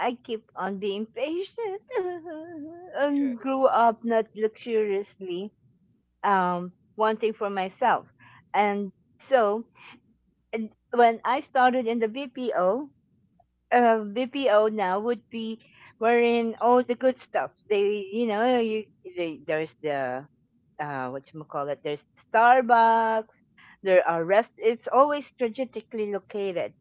I keep on being patient
Yeah,
and grew up not luxuriously, wanting for myself. And so, and when I started in the BPO, BPO now would be wherein all the good stuff. They, you know, there's the, what you call it, there's Starbucks, there are rest, it's always strategically located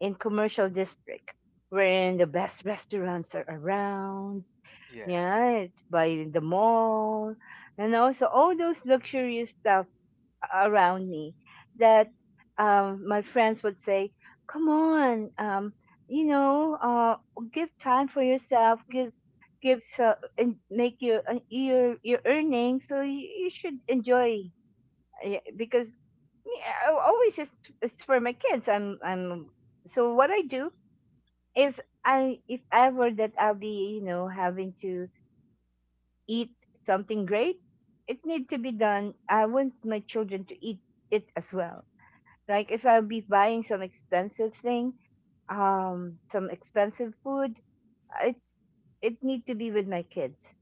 in commercial district wherein the best restaurants are around.
yeah,
Yeah, it's by the mall, and also all those luxurious stuff around me that my friends would say, "Come on, you know, uh, give time for yourself. Give so and make your your earnings. So you should enjoy because yeah, I always it's for my kids. I'm so what I do is I if ever that I'll be having to eat something great, it need to be done. I want my children to eat it as well, like if I'll be buying some expensive thing, some expensive food, uh, it's it need to be with my kids.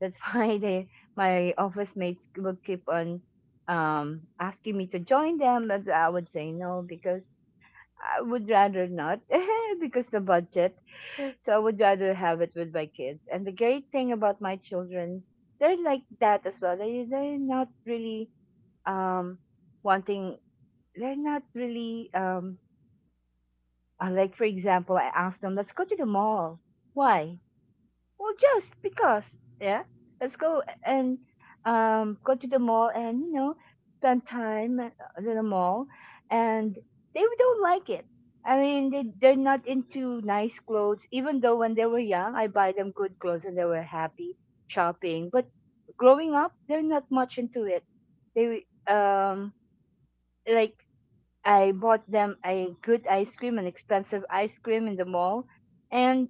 That's why they my office mates will keep on asking me to join them, but I would say no because I would rather not because the budget. So I would rather have it with my kids. And the great thing about my children, they're like that as well. They're not really um wanting. They're not really Like, for example, I asked them, let's go to the mall. Why? Well, just because. Yeah. Let's go and go to the mall and, spend time at the mall. And they don't like it. I mean, they're not into nice clothes, even though when they were young, I buy them good clothes and they were happy shopping. But growing up, they're not much into it. They, um, like, I bought them a good ice cream, an expensive ice cream in the mall, and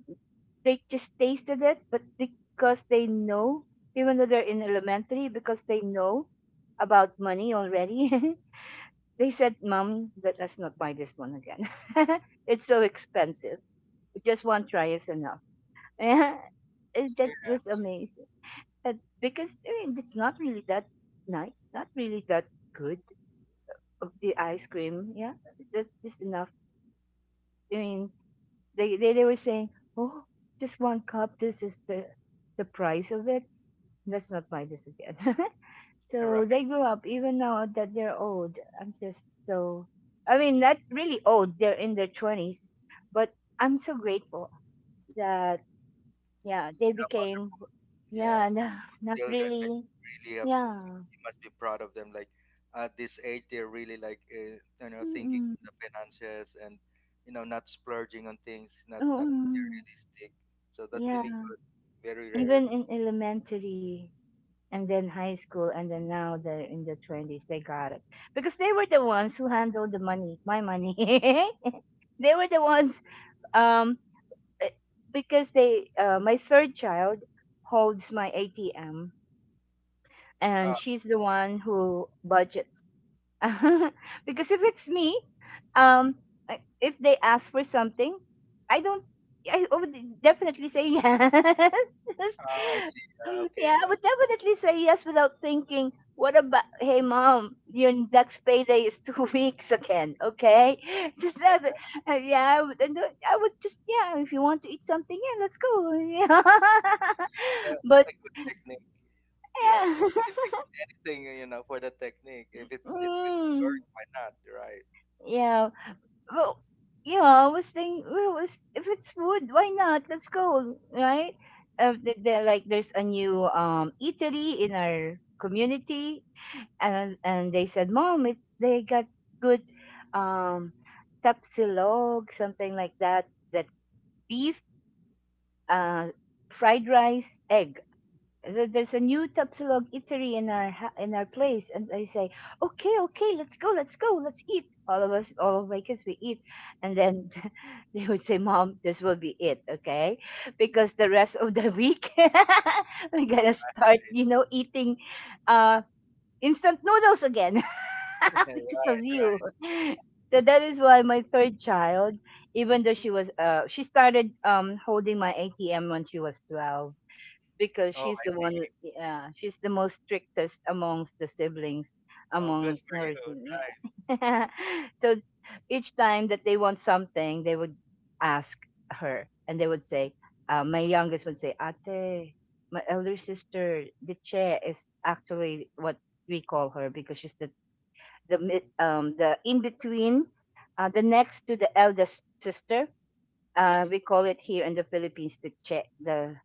they just tasted it. But because they know, even though they're in elementary, because they know about money already, they said, "Mom, let us not buy this one again. It's so expensive. Just one try is enough." And that
yeah,
was amazing. And because I mean, it's not really that nice, not really that good of the ice cream. Yeah, that is enough. I mean, they were saying, "Oh, just one cup. This is the price of it. Let's not buy this again." So
right.
they grew up. Even now that they're old, I'm just so. I mean,
Yeah,
not really old. They're in their twenties, but I'm so grateful that, yeah, they
about-
became,
yeah.
yeah. Not
Children, like,
really.
really have to,
Yeah.
you must be proud of them. Like, at this age, they're really like, you know, thinking
Mm-mm.
of the finances and, you know, not splurging on things, not
Mm-mm.
materialistic. So that's really
Yeah,
good. Very rare.
even in elementary and then high school and then now they're in the 20s, they got it because they were the ones who handled the money, my money. They were the ones, um eh, because they my third child holds my atm, and
Oh,
she's the one who budgets. Because if it's me, um, if they ask for something, I don't. I would definitely say yes.
oh I see. Okay,
Yeah, I would definitely say yes without thinking. What about? "Hey, mom, your next payday is two weeks again. Okay," just that. Yeah, I would, I would just, yeah. If you want to eat something, yeah, let's go. Yeah.
it's it's
But
a good technique. Yeah,
yeah.
thing you know for the technique. If it
Mm,
works, why not? Right.
yeah. Well, yeah, I was thinking, well, if it's wood, why not? Let's go, right? They, like, there's a new eatery in our community, and they said, "Mom, it's they got good um tapsilog," something like that. That's beef, uh, fried rice, egg. There's a new Tapsilog eatery in our ha- in our place, and I say, okay, okay, let's go, let's go, let's eat. All of us, all of my kids, we eat, and then they would say, "Mom, this will be it, okay? Because the rest of the week we're gonna start, eating uh instant noodles again
Yeah, right,
because of you."
right.
So that is why my third child, even though she started holding my ATM when she was 12, because
Oh,
she's the one, yeah, she's the most strictest amongst the siblings,
oh, good
amongst
for
her
you.
sing-
Right.
yeah. So each time that they want something, they would ask her and they would say, my youngest would say, "Ate," my elder sister, the chair, is actually what we call her, because she's the in between, the next to the eldest sister. We call it here in the Philippines the che, the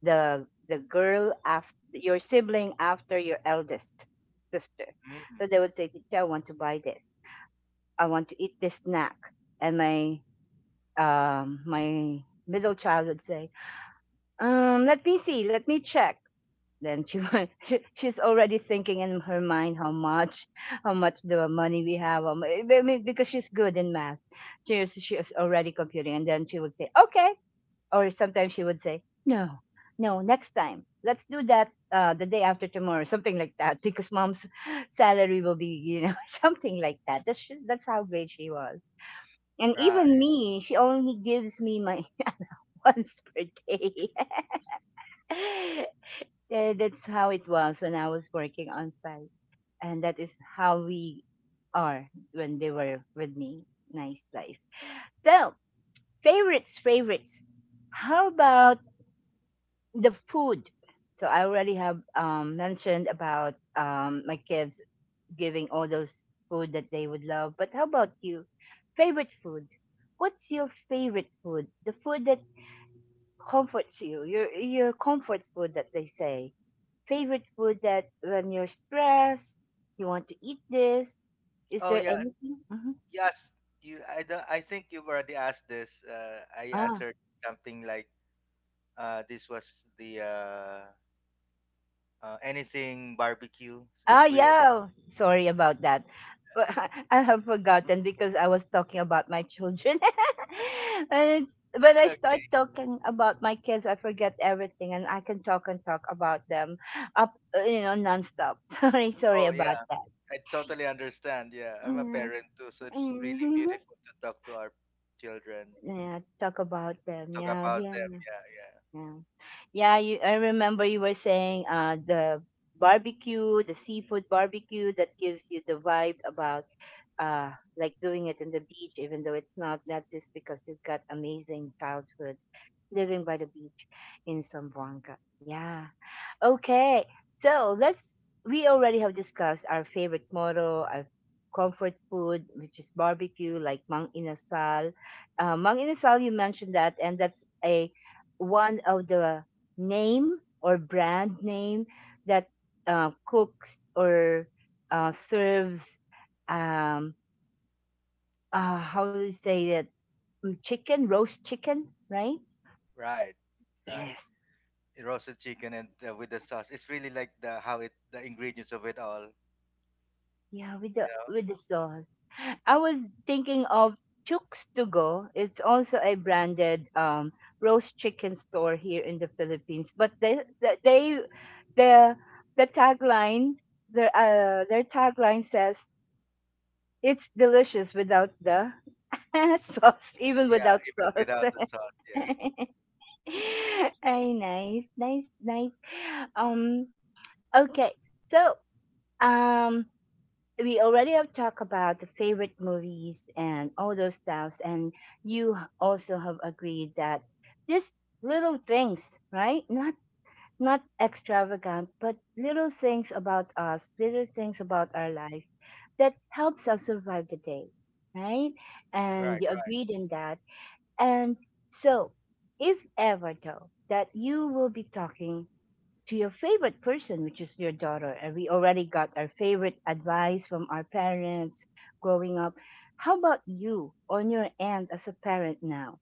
the the girl after your sibling, after your eldest sister.
Mm,
So they would say, "Teacher, I want to buy this. I want to eat this snack." And my middle child would say, Let me see. Let me check." Then, she's already thinking in her mind how much the money we have. How I mean, because she's good in math, she was already computing, and then she would say, "Okay," or sometimes she would say, "No, no, next time. Let's do that, the day after tomorrow, something like that, because mom's salary will be, something like that." That's how great she was. And
right.
even me, she only gives me my once per day. That's how it was when I was working on site, and that is how we are when they were with me. Nice life. So favorites, favorites. How about the food. So I already have, mentioned about, my kids giving all those food that they would love. But how about you? Favorite food? What's your favorite food? The food that comforts you. your comfort food that they say. Favorite food that when you're stressed, you want to eat this. Is
Oh,
there
yeah.
anything? Mm-hmm.
Yes. You. I don't. I think you've already asked this. I answered something like, this was the anything barbecue
Oh,
grill.
yeah. Sorry about that. But I have forgotten because I was talking about my children. And when
That's
I
like,
start talking about my kids, I forget everything and I can talk and talk about them up, nonstop. Sorry, sorry
oh
about
yeah.
that.
I totally understand. Yeah, I'm a
Yeah.
parent too, so it's really beautiful to talk to our children,
Yeah, talk about them.
talk
Yeah,
about
yeah,
them. Yeah, yeah.
yeah. Yeah, I remember you were saying, the barbecue, the seafood barbecue that gives you the vibe about, uh, like doing it in the beach, even though it's not, that just because you've got amazing childhood living by the beach in Zamboanga. Yeah. Okay, so let's. We already have discussed our favorite motto, our comfort food, which is barbecue, like mang inasal. Mang inasal, you mentioned that, and that's a one of the name or brand name that, cooks or, serves. Um, how do you say that? Chicken, roast chicken, right?
Right. Right.
Yes.
Roasted chicken and with the sauce. It's really like the how it the ingredients of it all.
Yeah, with the
Yeah.
with the sauce. I was thinking of Chooks to Go. It's also a branded, roast chicken store here in the Philippines. But they the the tagline their tagline says it's delicious without the sauce, even
Yeah,
without
even without
sauce.
the sauce. Yeah.
Ay, nice, nice, nice. Um, okay. So, um, we already have talked about the favorite movies and all those stuffs, and you also have agreed that these little things, right? Not extravagant, but little things about us, little things about our life that helps us survive the day, right? And
Right,
you
right.
agreed in that. And so if ever though that you will be talking to your favorite person, which is your daughter. And we already got our favorite advice from our parents growing up. How about you on your end as a parent now?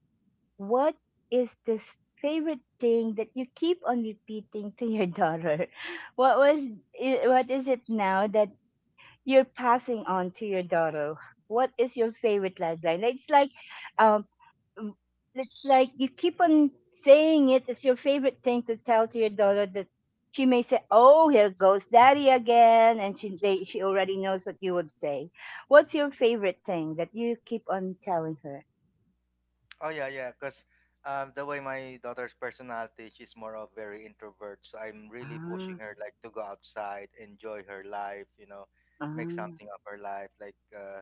What is this favorite thing that you keep on repeating to your daughter? What was what is it now that you're passing on to your daughter? What is your favorite lifeline? Um, um, it's like you keep on saying it. It's your favorite thing to tell to your daughter that she may say, "Oh, here goes daddy again," and she already knows what you would say. What's your favorite thing that you keep on telling her?
Oh yeah, yeah. Because the way my daughter's personality, she's more of very introvert. So I'm really pushing
Ah,
her like to go outside, enjoy her life. You know, make
ah,
something of her life. Like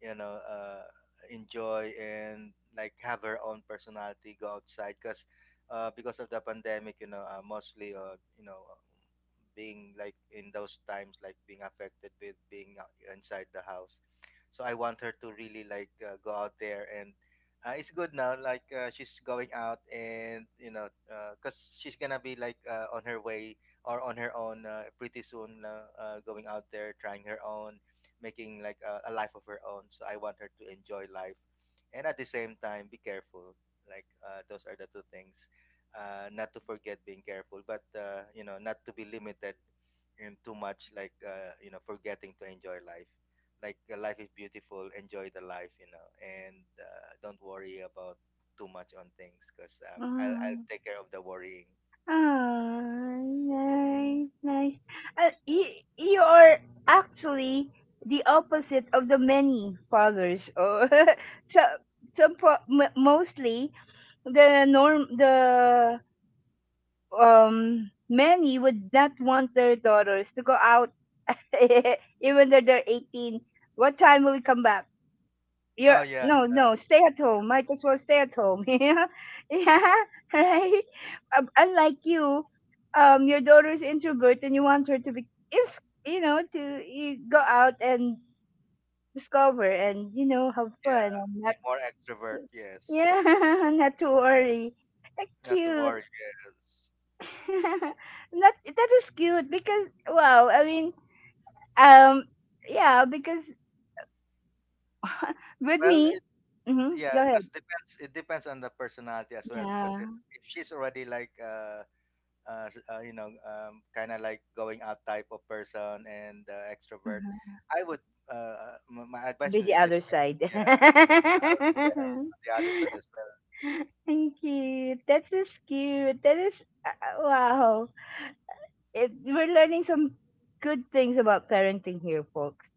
you know, uh, enjoy and like have her own personality. Go outside because of the pandemic, you know, mostly being like in those times like being affected with being inside the house. So I want her to really like go out there. And it's good now. Like she's going out, and you know, because she's gonna be like on her way or on her own pretty soon. Going out there, trying her own, making like a life of her own. So I want her to enjoy life, and at the same time, be careful. Like those are the two things. Not to forget being careful, but you know, not to be limited and too much. Like you know, forgetting to enjoy life, like the life is beautiful, enjoy the life, you know. And don't worry about too much on things because I'll
ah,
take care of the worrying.
ah, nice, nice. Uh, you, you are actually the opposite of the many fathers. Or so some mostly the norm, the many would not want their daughters to go out, even though they're 18. "What time will you come back? You're
Oh yeah,
no,
yeah,
no, stay at home. Might as well stay at home." Yeah, yeah. Right. Unlike you, your daughter's introvert and you want her to be, is, to, you go out and discover, and have
yeah,
fun and
be
not,
more extrovert, yes.
yeah, not to worry.
Not to
Cute.
worry, yes.
That is cute because wow. I mean, um, yeah, because with
well
me,
it,
go
yeah,
ahead,
because depends, it depends on the personality as well, because
yeah,
if she's already like you know, kind of like going out type of person and extrovert,
uh-huh.
I would my advice
Be
would
the
be
other
different.
side.
Yeah, yeah, on the other side as well.
Thank you. That is cute. That is, wow. We're learning some good things about parenting here, folks.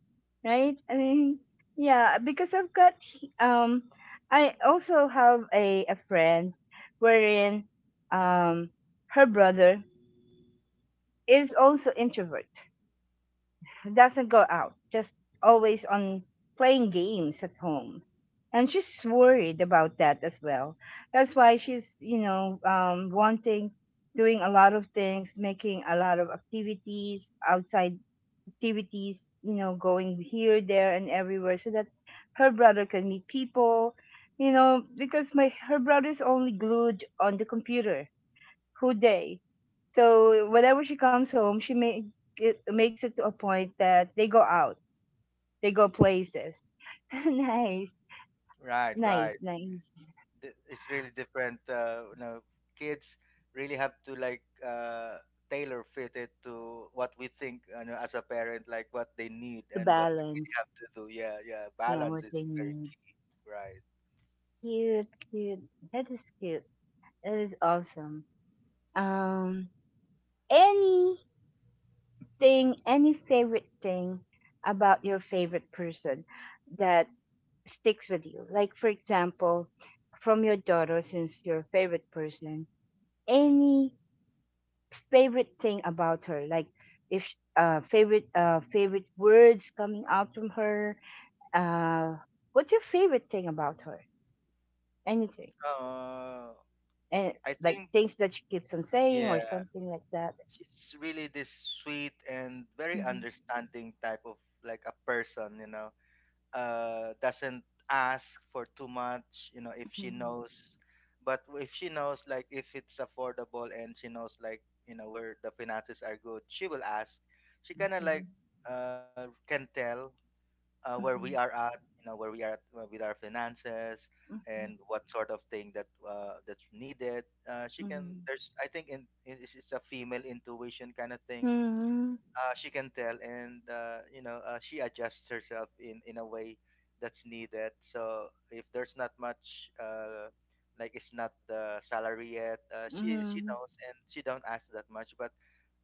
Right? I mean, yeah, because um, I also have a friend wherein, um her brother is also introvert, doesn't go out, just always on playing games at home. And she's worried about that as well. That's why she's, wanting, doing a lot of things, making a lot of activities, outside activities, going here, there, and everywhere so that her brother can meet people, because my her brother's only glued on the computer whole day. So whenever she comes home, she makes it to a point that they go out, they go places. Nice,
Right,
nice,
right.
nice.
It's really different. You know, kids really have to like tailor fit it to what we think, you know, as a parent, like what they need
To
and what they really
balance,
have to do. Yeah, yeah. Balance
what they
is very
need.
key. Right.
Cute, cute. That is cute. That is awesome. Um, Anything, any favorite thing about your favorite person that sticks with you? Like, for example, from your daughter, since your favorite person, any favorite thing about her? Like, if favorite, favorite words coming out from her. Uh, what's your favorite thing about her? Anything?
Uh,
And
I
like
think,
things that she keeps on saying or
yeah,
something like that.
she's really this sweet and very
Mhm,
understanding type of like a person, you know. Doesn't ask for too much, you know, if she
mhm,
knows. But if she knows, like, if it's affordable and she knows, like, you know, where the finances are good, she will ask. She kind of
mhm,
like can tell where we are at, you know, where we are at with our finances
mhm, mhm,
and what sort of thing that that's needed. She can. There's, I think, in it's a female intuition kind of thing.
mhm,
She can tell, and you know, she adjusts herself in a way that's needed. So if there's not much like, it's not the salary yet, she
mhm,
knows and she don't ask that much. But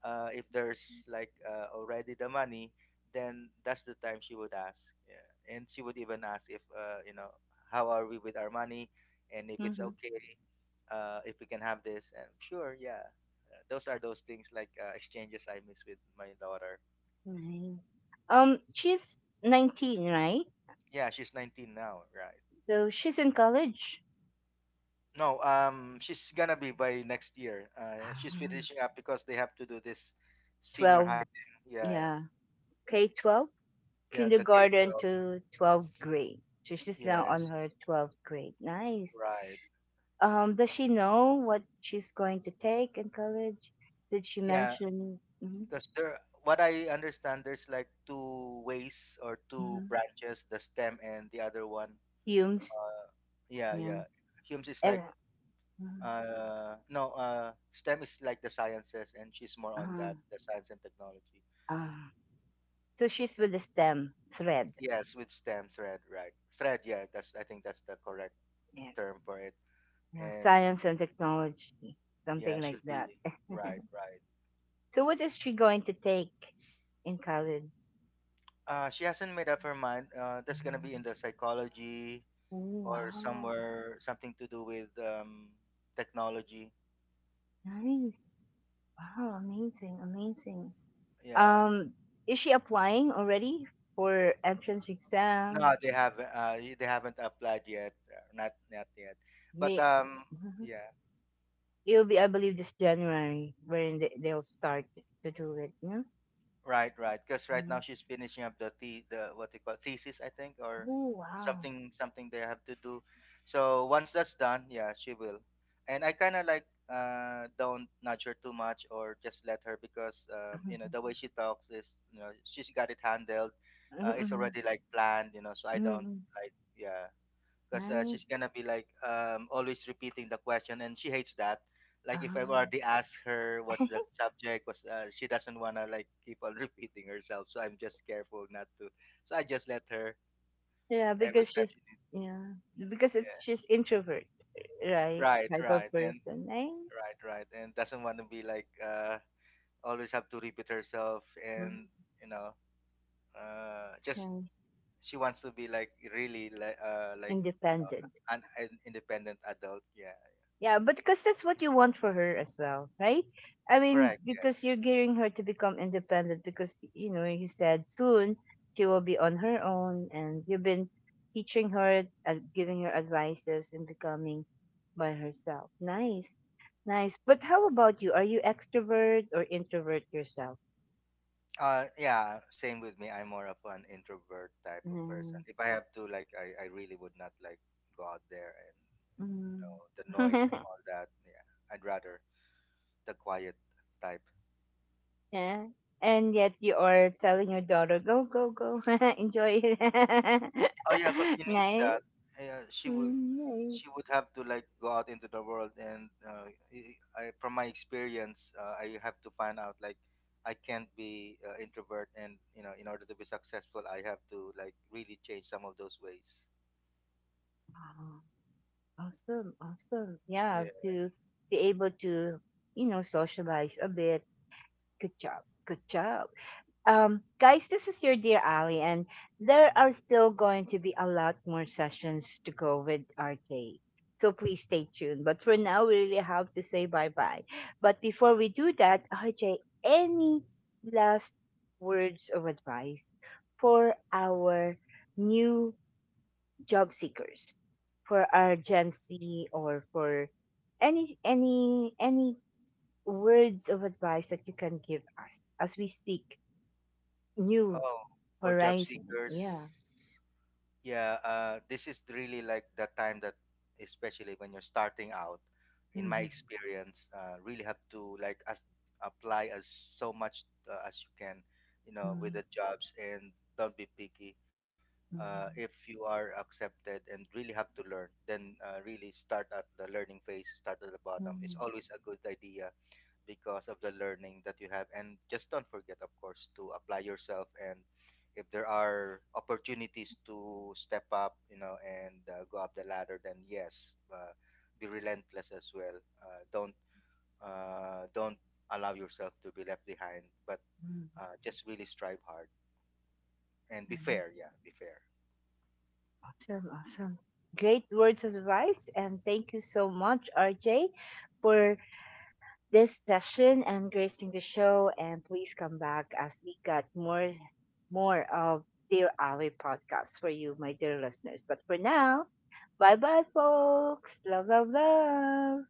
if there's like already the money, then that's the time she would ask. Yeah, and she would even ask if you know, how are we with our money and if
mhm,
it's
mhm.
okay, if we can have this, and sure, yeah. Those are those things like exchanges I miss with my daughter.
Nice. She's 19, right?
Yeah, she's 19 now, right?
So she's in college.
No, she's gonna be by next year. She's
Ah,
finishing up because they have to do this senior high
12,
thing. Yeah,
yeah. K 12,
yeah, the
kindergarten
K-12.
to 12th grade. So she's now on
Yes,
her 12th grade. Nice.
right.
Does she know what she's going to take in college? Did she
Yeah,
mention, mm-hmm,
because there, what I understand, there's like two ways or two
mm-hmm,
branches, the STEM and the other one.
Hume's?
Uh, Yeah,
Yeah.
yeah. Humes is like
Eh, mm,
no STEM is like the sciences, and she's more on
Uh,
that, the science and technology.
uh, so she's with the STEM thread.
Yes, with STEM thread, right. Thread, yeah, that's I think that's the correct
Yes.
term for it.
Yeah,
And
science and technology,
yeah,
something like
she'll
that.
be, right, right.
So what is she going to take in college?
Uh, she hasn't made up her mind. Uh, that's gonna be in
Mhm.
the psychology
Oh,
or
wow.
somewhere, something to do with technology.
Nice. Wow, amazing, amazing.
Yeah,
Um, is she applying already for entrance
no,
exam?
they haven't, uh, they haven't applied yet. Uh, not not yet. But
May, mhm.
yeah.
It'll be, I believe, this January when they'll start to do it. Yeah?
Right, right. Because right now
Nice.
she's finishing up the what they call thesis, I think, or
Oh, wow.
something, something they have to do. So once that's done, yeah, she will. And I kind of like don't nudge her too much, or just let her because you know,
Hmm,
the way she talks is, you know, she's got it handled.
hmm,
It's
hmm.
already like planned, you know. So I don't
Mm.
like, yeah, because
Nice.
she's gonna be like always repeating the question, and she hates that. Like if I
Ah.
already ask her what's the subject, was she doesn't wanna like keep on repeating herself. So I'm just careful not to. So I just let her
Yeah,
every
because
time
she's,
she needs.
yeah, because it's
Yeah,
she's introvert, right?
right,
Type of
right, and
person. Nice.
doesn't want to be like always have to repeat herself,
Mhm.
and you know, just
Nice.
she wants to be like really like you know,
Independent.
an independent adult. Yeah,
Yeah, but because that's what you want for her as well, right? I mean,
correct.
because you're
Yes.
gearing her to become independent because, you said soon she will be on her own and you've been teaching her, giving her advices and becoming by herself. Nice, nice. But how about you? Are you extrovert or introvert yourself?
Yeah, same with me. I'm more of an introvert type of person.
Nice.
If I have to, like, I really would not like go out there and you know
Mm.
the noise and all that. Yeah, I'd rather the quiet type.
Yeah. And yet you are telling your daughter, go, go, go, enjoy it.
Oh yeah, because she needs that.
Nice.
Yeah,
Mm,
she
nice.
would have to like go out into the world, and from my experience, I have to find out like I can't be introvert, and you know, in order to be successful, I have to like really change some of those ways.
Oh, awesome, awesome. Yeah,
Yeah.
to be able to, socialize a bit. Good job, good job. Guys, this is your dear Ali, and there are still going to be a lot more sessions to go with RK. So please stay tuned. But for now, we really have to say bye bye. But before we do that, RJ, any last words of advice for our new job seekers, for our Gen Z, or for any words of advice that you can give us as we seek new
Oh, for job
horizon.
seekers,
Yeah.
yeah, this is really like the time that, especially when you're starting out, in my
Mhm,
experience, really have to like as apply as so much as you can, you know, with
mhm,
the jobs, and don't be picky. If
mhm,
you are accepted and really have to learn, then really start at the learning phase, start at the bottom. It's
mhm,
always a good idea because of the learning that you have, and just don't forget, of course, to apply yourself. And if there are opportunities to step up, you know, and go up the ladder, then yes, be relentless as well. Don't allow yourself to be left behind, but
mhm.
just really strive hard, and be
Nice.
fair, yeah, be fair.
Awesome, awesome. Great words of advice, and thank you so much, RJ, for this session and gracing the show. And please come back as we got more of Dear Ali podcast for you, my dear listeners. But for now, bye bye, folks. Love, love, love.